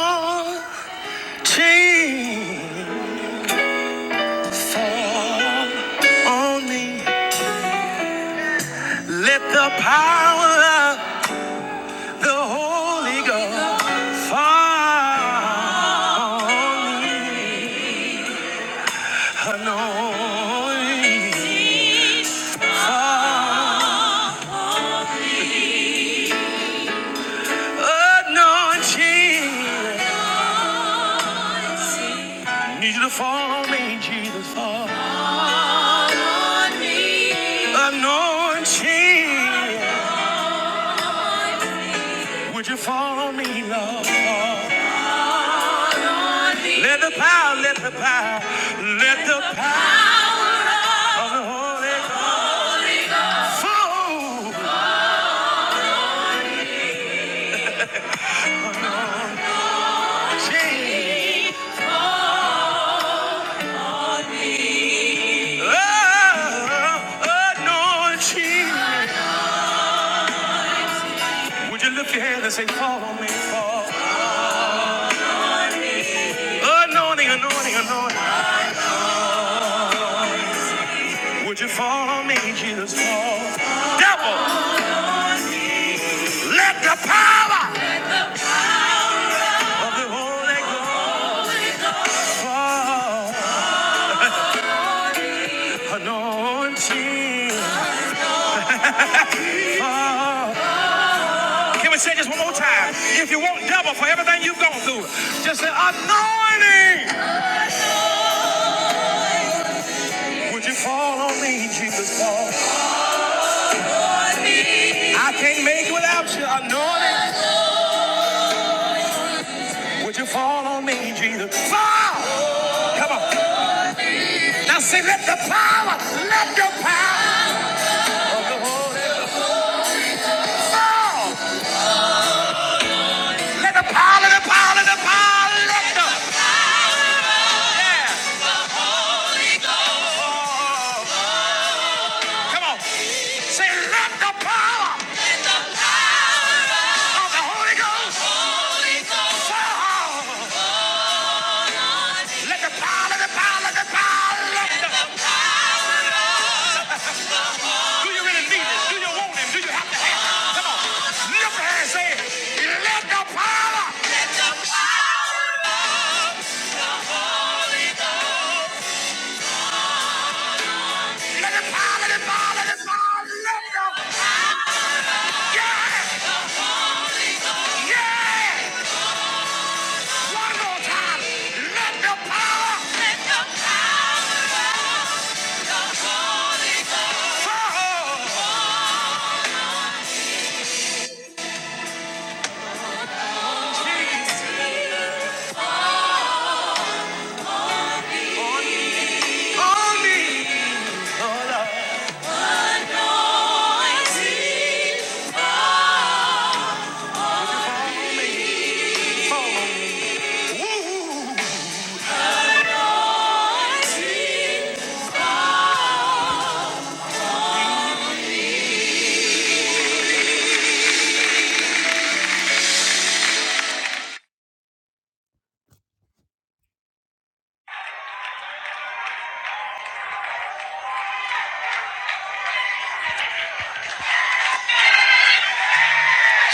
Speaker 2: change. morning. Let the power of the Holy Ghost fall on me, Lord. Let the power, let the power, let the power of the Holy Ghost fall. Change. Oh, anointing. Would you lift your hand and say, fall on me, fall. Anointing, anointing, anointing. Would you fall on me? Jesus fall. Devil, let the power of the Holy Ghost fall. Anointing. fall. Can we say this one more time? If you want double for everything you've gone through, just say anointing. Would you fall on me, Jesus? Fall. I can't make it without you. Anointing. Would you fall on me, Jesus? Fall. Come on. Now say, let the power, let the power fall. Let the power, let the power, let the power, let the yeah. Oh, come on. Say, let the power of the Holy Ghost fall. Let the power, let the power, let the power. Do you really need it? Do you want it? Do you have to? Lift your hand and say, let the power. Let the, one more time. Let the power. Let the power.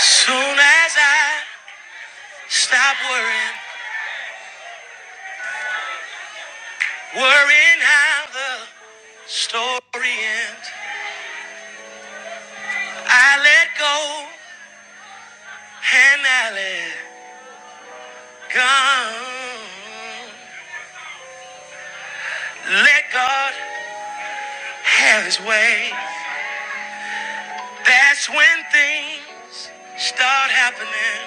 Speaker 2: Soon as I stop worrying, worrying how the story ends, I let go and I let go. Let God have His way. That's when things start happening.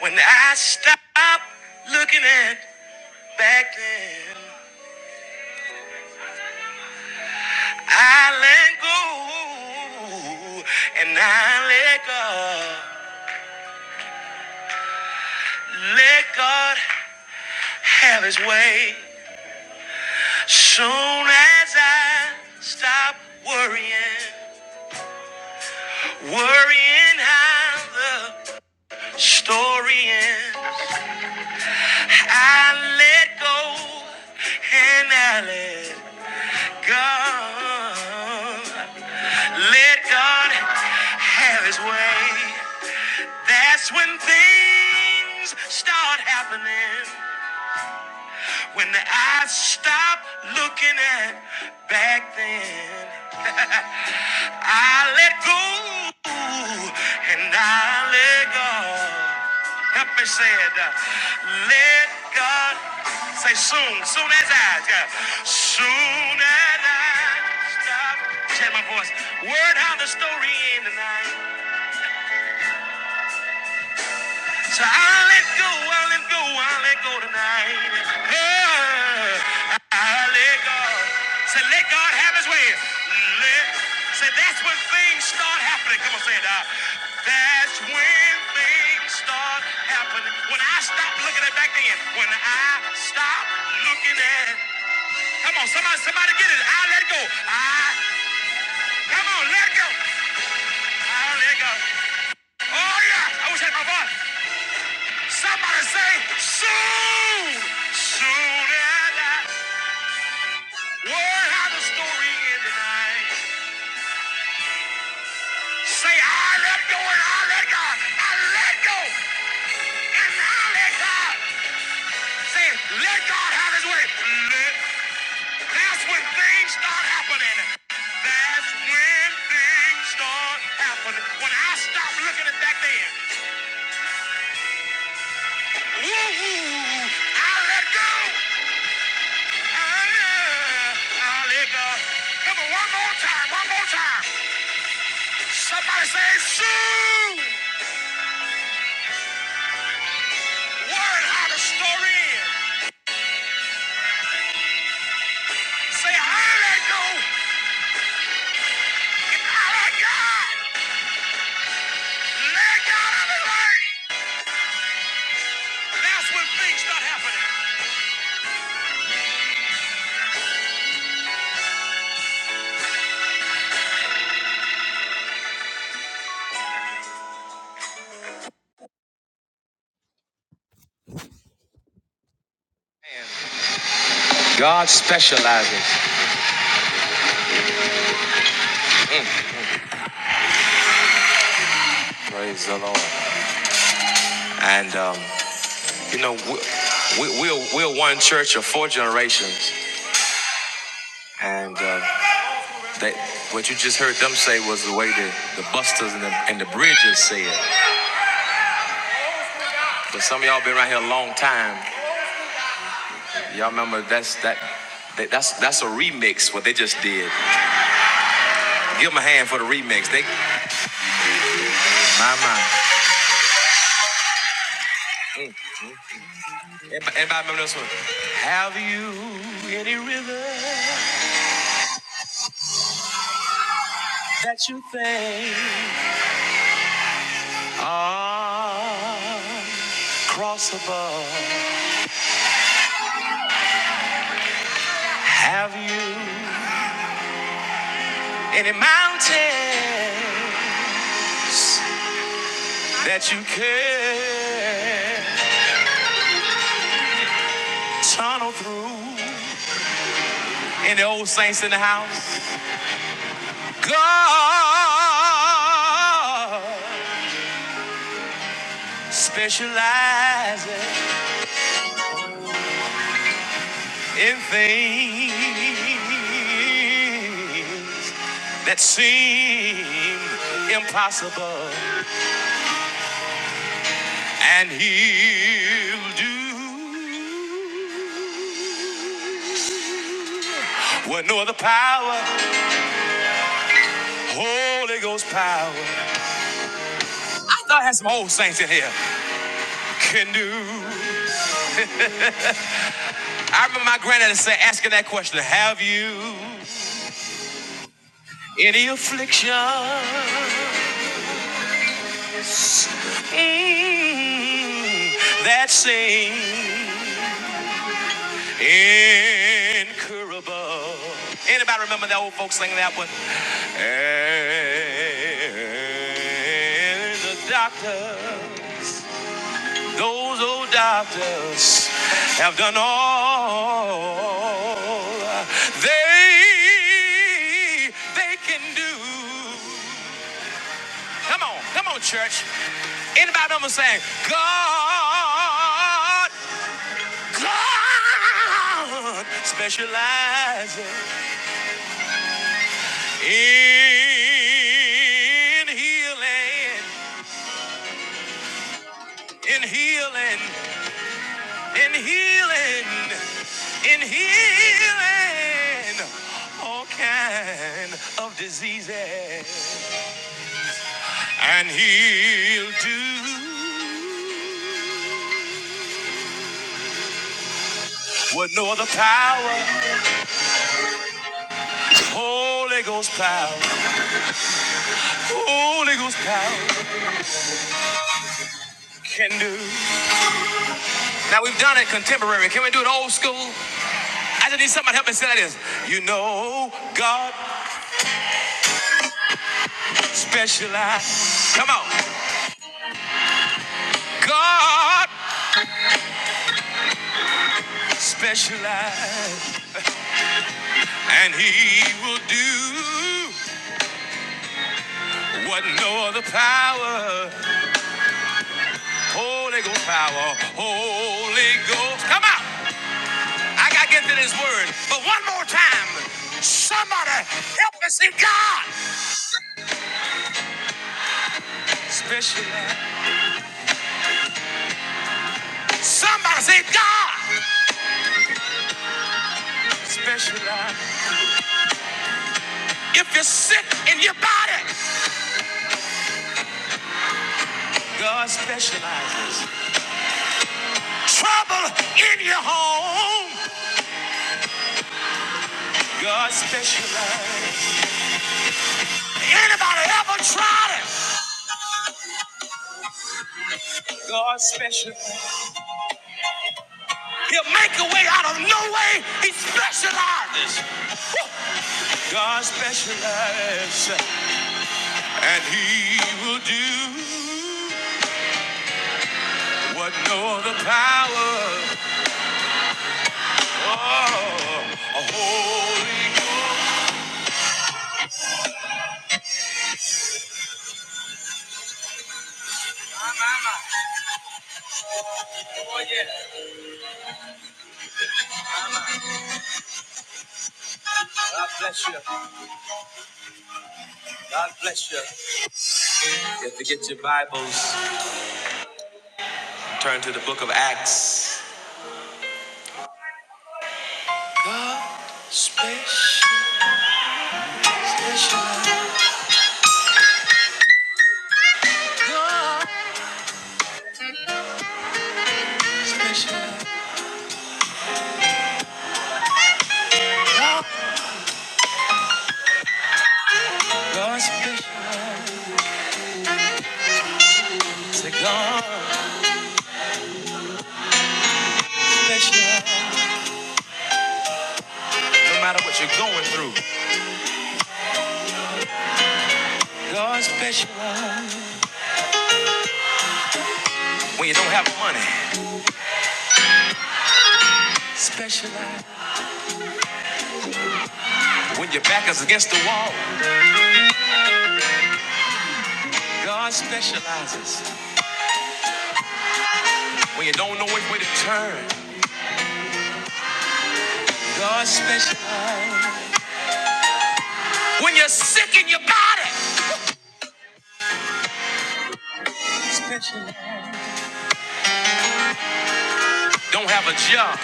Speaker 2: When I stop looking at back then. I let go and I let God. Let God have his way. Soon as I stop worrying, worrying how the story ends, I let go and I let God. Let God have his way. That's when things start happening. When I stop looking at back then, I let go and I let go. Help me say it. uh, Let God say soon, soon as I, yeah. soon as I stop. Say my voice. Word how the story ended. tonight. So i let go, i let go, i let go tonight. Oh, i let go. Say, let God have his way. Let, say, that's when things start happening. Come on, say it now. That's when things start happening. When I stop looking at back then. When I stop looking at. Come on, somebody, somebody get it. I let go. I, come on, let go. I let go. Oh, yeah. I wish I had my voice. Somebody say, soon, soon and I will have a story in the night. Say, I let go and I let God. I let go and I let God. Say, let God have his way. Let, that's when things start happening. That's when things start happening. When I stop looking at that man, woo, I let go. Ah, there it goes. Come on, one more time, one more time. Somebody say, Sue! Word how the story ends. Say, I let go. and I let God. Let God of it right. That's when things start happening. God specializes. Praise the Lord. And, um, you know, we, we, we're, we're one church of four generations. And uh, they, what you just heard them say was the way the, the busters and the, and the bridges said. But some of y'all been around here a long time. Y'all remember that's that, that that's that's a remix what they just did. Give them a hand for the remix. They my my. Anybody, anybody remember this one? Ah, cross above, have you any mountains that you can tunnel through? Any old saints in the house? God specializes in things that seem impossible, and He'll do what no other power, Holy Ghost power. I thought I had some old saints in here can do. I remember my granddaddy say, asking that question, "Have you any affliction?" Mm, that sing incurable. Anybody remember the old folks singing that one? And the doctors, those old doctors, have done all they they can do. Come on, come on, church. Anybody remember saying, God? God specializes in healing, in healing, in healing, in healing all kind of diseases. And he'll do what no other power, Holy Ghost power, Holy Ghost power can do. Now we've done it contemporary. Can we do it old school? I just need somebody to help me say like this. You know, God specializes. Come on. God specializes. And he will do what no other power, Holy Ghost power, Holy Ghost. Come on. I got to get to this word. But one more time. Somebody help me say God specializes. Somebody say God specializes. If you're sick in your body, God specializes. Trouble in your home. God specializes. Anybody ever tried it? God specializes. He'll make a way out of no way. He specializes. God specializes. And he will do what no other power. Oh, a Holy Ghost. Special, special, special. Say God specializes. No matter what you're going through. God specializes. When you don't have money. Specializes. When your back is against the wall. God specializes. When you don't know which way to turn. God specializes. When you're sick in your body. Don't have a job.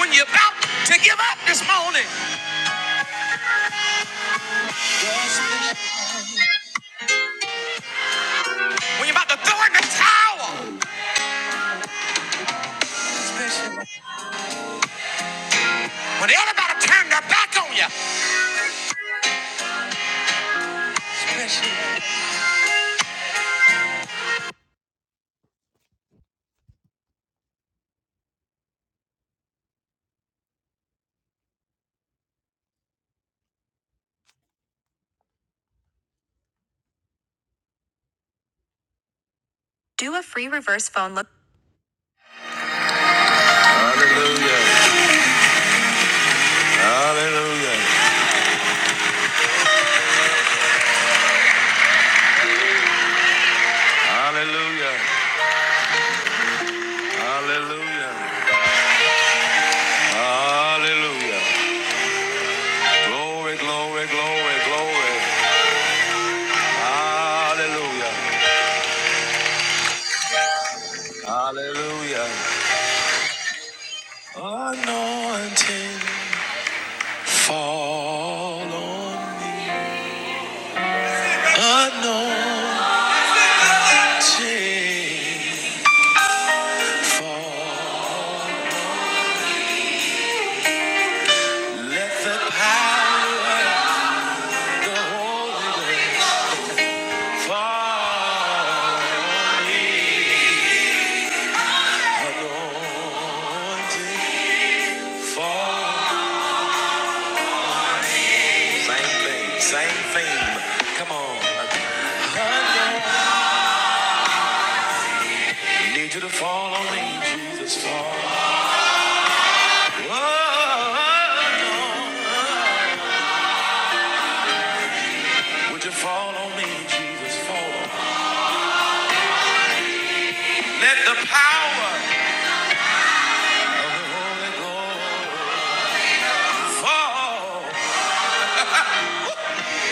Speaker 2: When you're about to give up this morning. When you're about to throw in the towel. When everybody turned their back on you. Do a free reverse phone look. Hallelujah. Hallelujah. Hallelujah. Glory, glory, glory, glory. Hallelujah. Hallelujah. Anointing fall on me. Anointing. Let the power of the Holy Ghost fall on me. Anointing fall. Same thing, same theme. Come on. Anointing. Need you to fall on me, Jesus. Fall. Would you fall on me, Jesus? Fall on me. Let the power of the Holy Ghost fall.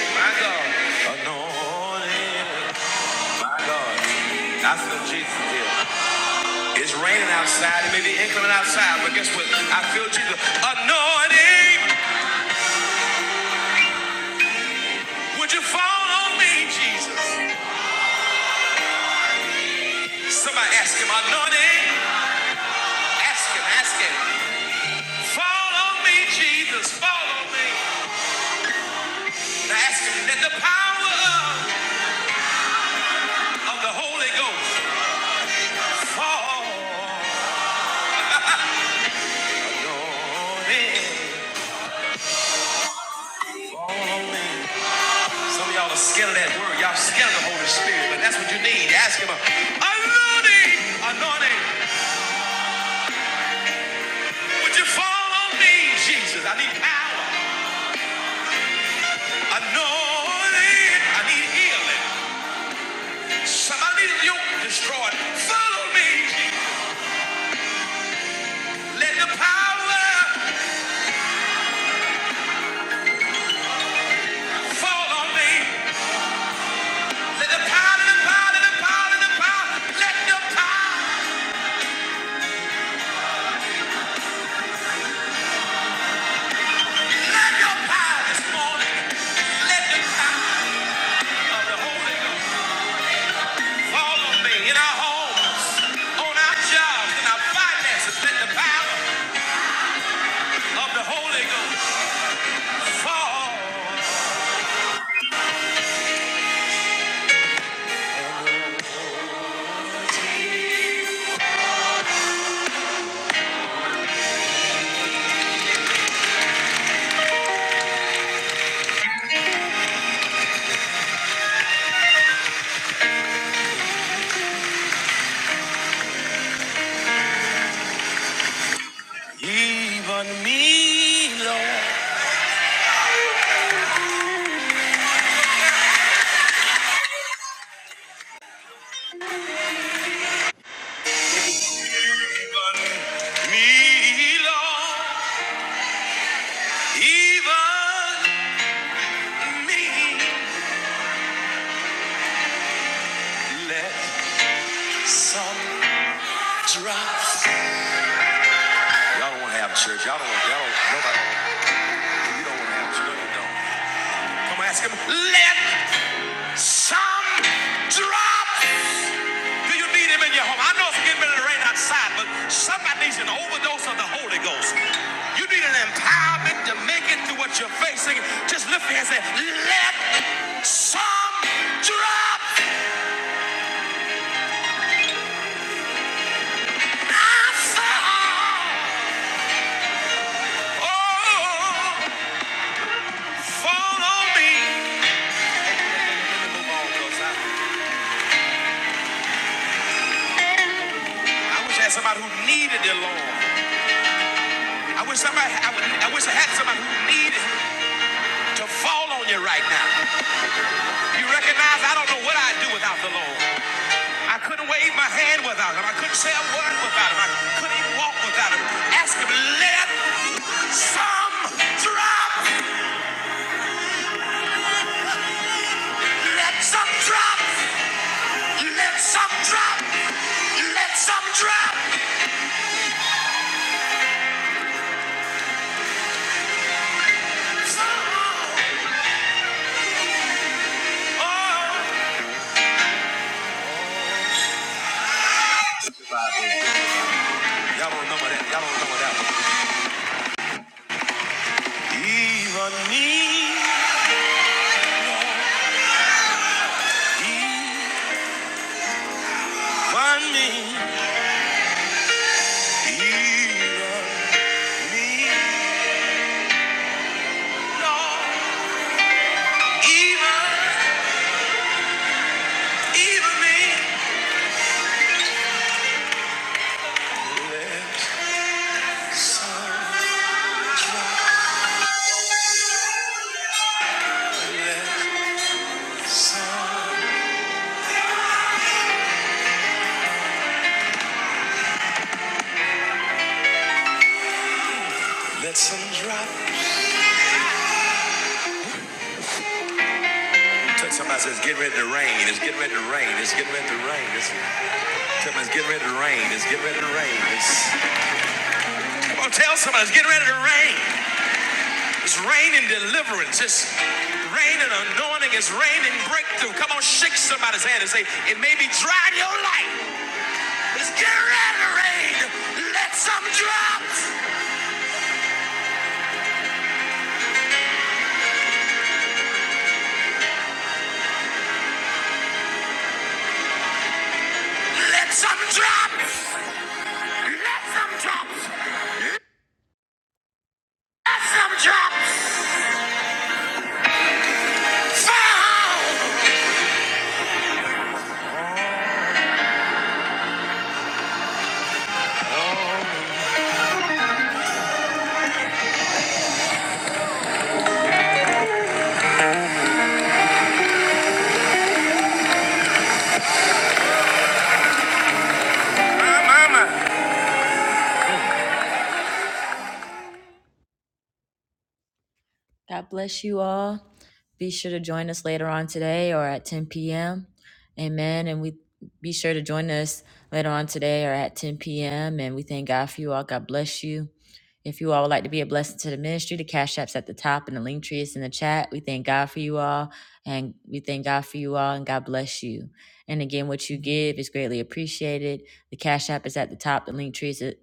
Speaker 2: My God, anointed. My God, I feel Jesus here. It's raining outside. It may be inclement outside, but guess what? I feel Jesus. Anointing. Would you fall on me, Jesus? Somebody ask him, anointing. Ask him, ask him. Fall on me, Jesus. Fall on me. Let the power of the Holy Ghost fall on me. Some of y'all are scared of that word. Y'all scared of the Holy Spirit, but that's what you need. Ask Him, anointing, anointing, would you fall on me, Jesus? I need power. Anointing, I need healing. Somebody need a yoke destroyed. Follow me. Let the power fall on me. Let the power, the power, the power, the power, let the power. Let your power this morning, let the power of the Holy Ghost fall on me in our homes, on our jobs, in our finances. Let the power of the Holy Ghost fall. Even me, Lord. Even me, Lord. Even me. Let some have church. Y'all don't, y'all don't, nobody, you don't want to have church. You don't. Come on, ask him. Let Some drop. Do you need him in your home? I know it's getting ready to rain outside, but somebody needs an overdose of the Holy Ghost. You need an empowerment to make it through what you're facing. Just lift your hands and say, let some drop. I fall. Oh, fall on me. I wish I had somebody who needed the Lord. I wish somebody. I, would- I wish I had somebody who needed to fall on you right now. You recognize I don't know what I'd do without the Lord. I couldn't wave my hand without him. I couldn't say a word without him. I couldn't even walk without him. Ask him, let some drop. Let some drop. Let some drop. Let some drop. Oh. Y'all don't remember that. Y'all don't remember that one. Even me. Even me. Even me. Even Even me. Let some drop. somebody says, get ready to rain. It's getting ready to rain. It's getting ready to rain. It's, tell getting ready to rain. It's getting ready to rain. It's, come on, tell somebody it's getting ready to rain. It's raining deliverance. It's raining anointing. It's raining breakthrough. Come on, shake somebody's hand and say, it may be dry in your life. It's getting ready to rain. Let some drop. Let some drop. Let some drop. Let some drop. Fall. God bless you all. Be sure to join us later on today or at 10 p.m. Amen. And we be sure to join us later on today or at 10 p.m. And we thank God for you all. God bless you. If you all would like to be a blessing to the ministry, the cash app's at the top and the link tree is in the chat. We thank God for you all. And we thank God for you all and God bless you. And again, what you give is greatly appreciated. The cash app is at the top. The link tree is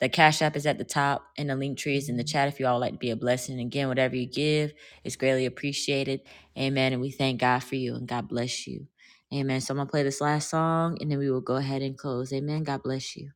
Speaker 2: the Cash App is at the top, and the link tree is in the chat if you all would like to be a blessing. Again, whatever you give is greatly appreciated. Amen. And we thank God for you, and God bless you. Amen. So I'm going to play this last song, and then we will go ahead and close. Amen. God bless you.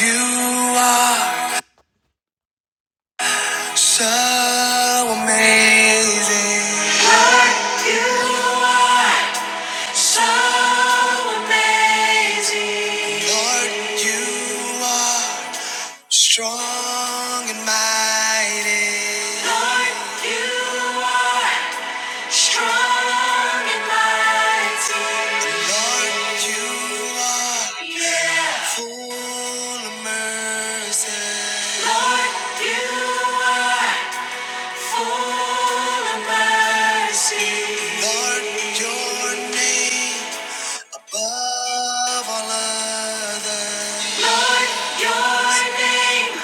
Speaker 2: You so amazing. You are so amazing. Lord, you are strong and mighty. Yeah. Lord, you are. Lord, your name.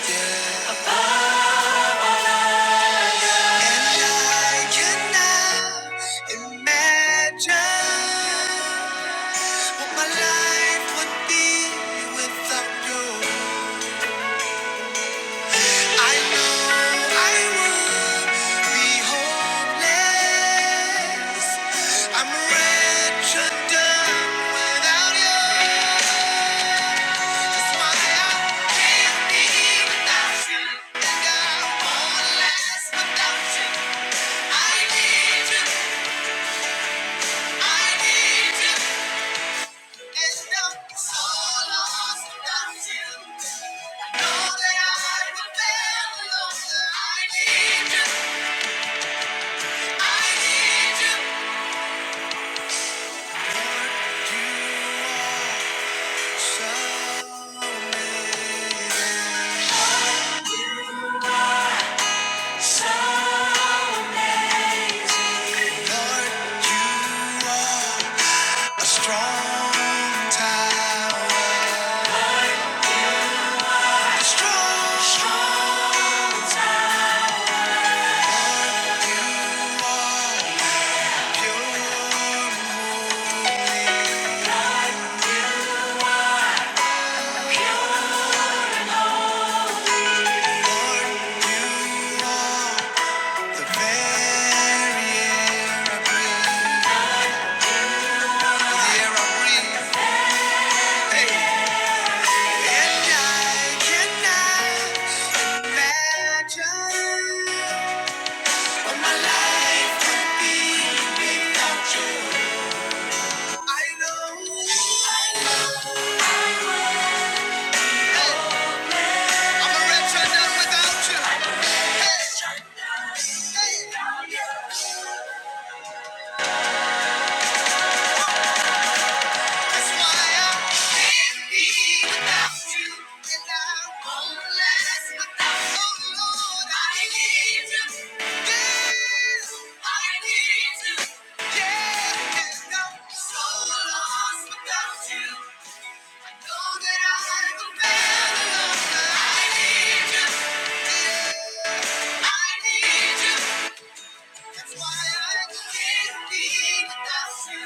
Speaker 2: There's no mountain I need you. There's no soul lost without you. I know that I've been lost. I need you, need you. Oh, strong, strong. The very air I breathe. And imagine. Hey, I'm a wretched man Without you. Hey. Hey. hey. That's why I can't be without you. And I won't last without you. Oh, I need you. Yes, I need you. Yeah, so lost without you. I know that I will fail alone. I need you. Yeah, I need you. That's why I can't be without you.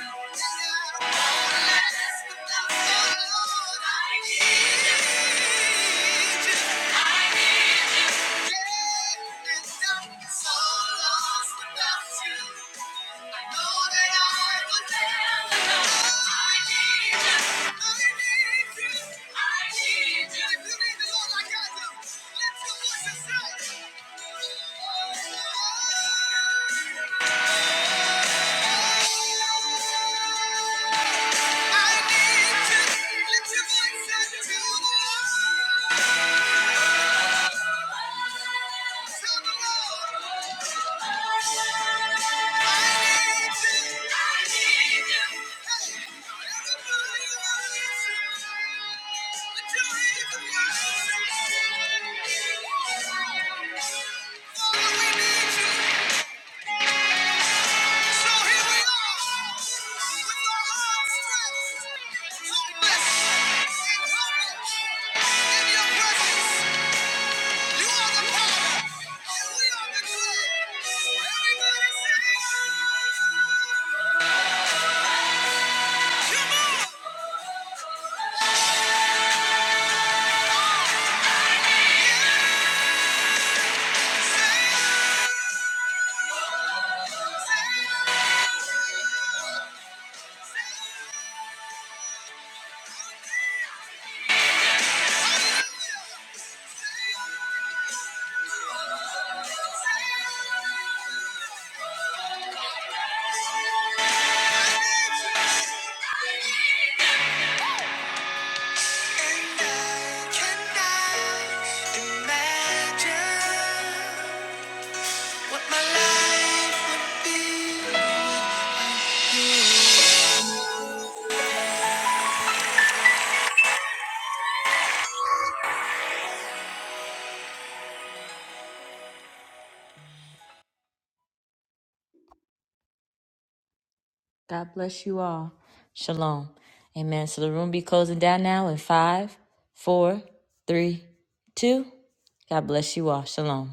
Speaker 2: Less without you, I need you. I need you. Yeah, and I'm so lost I Thank you. God bless you all. Shalom. Amen. So the room be closing down now in five, four, three, two. God bless you all. Shalom.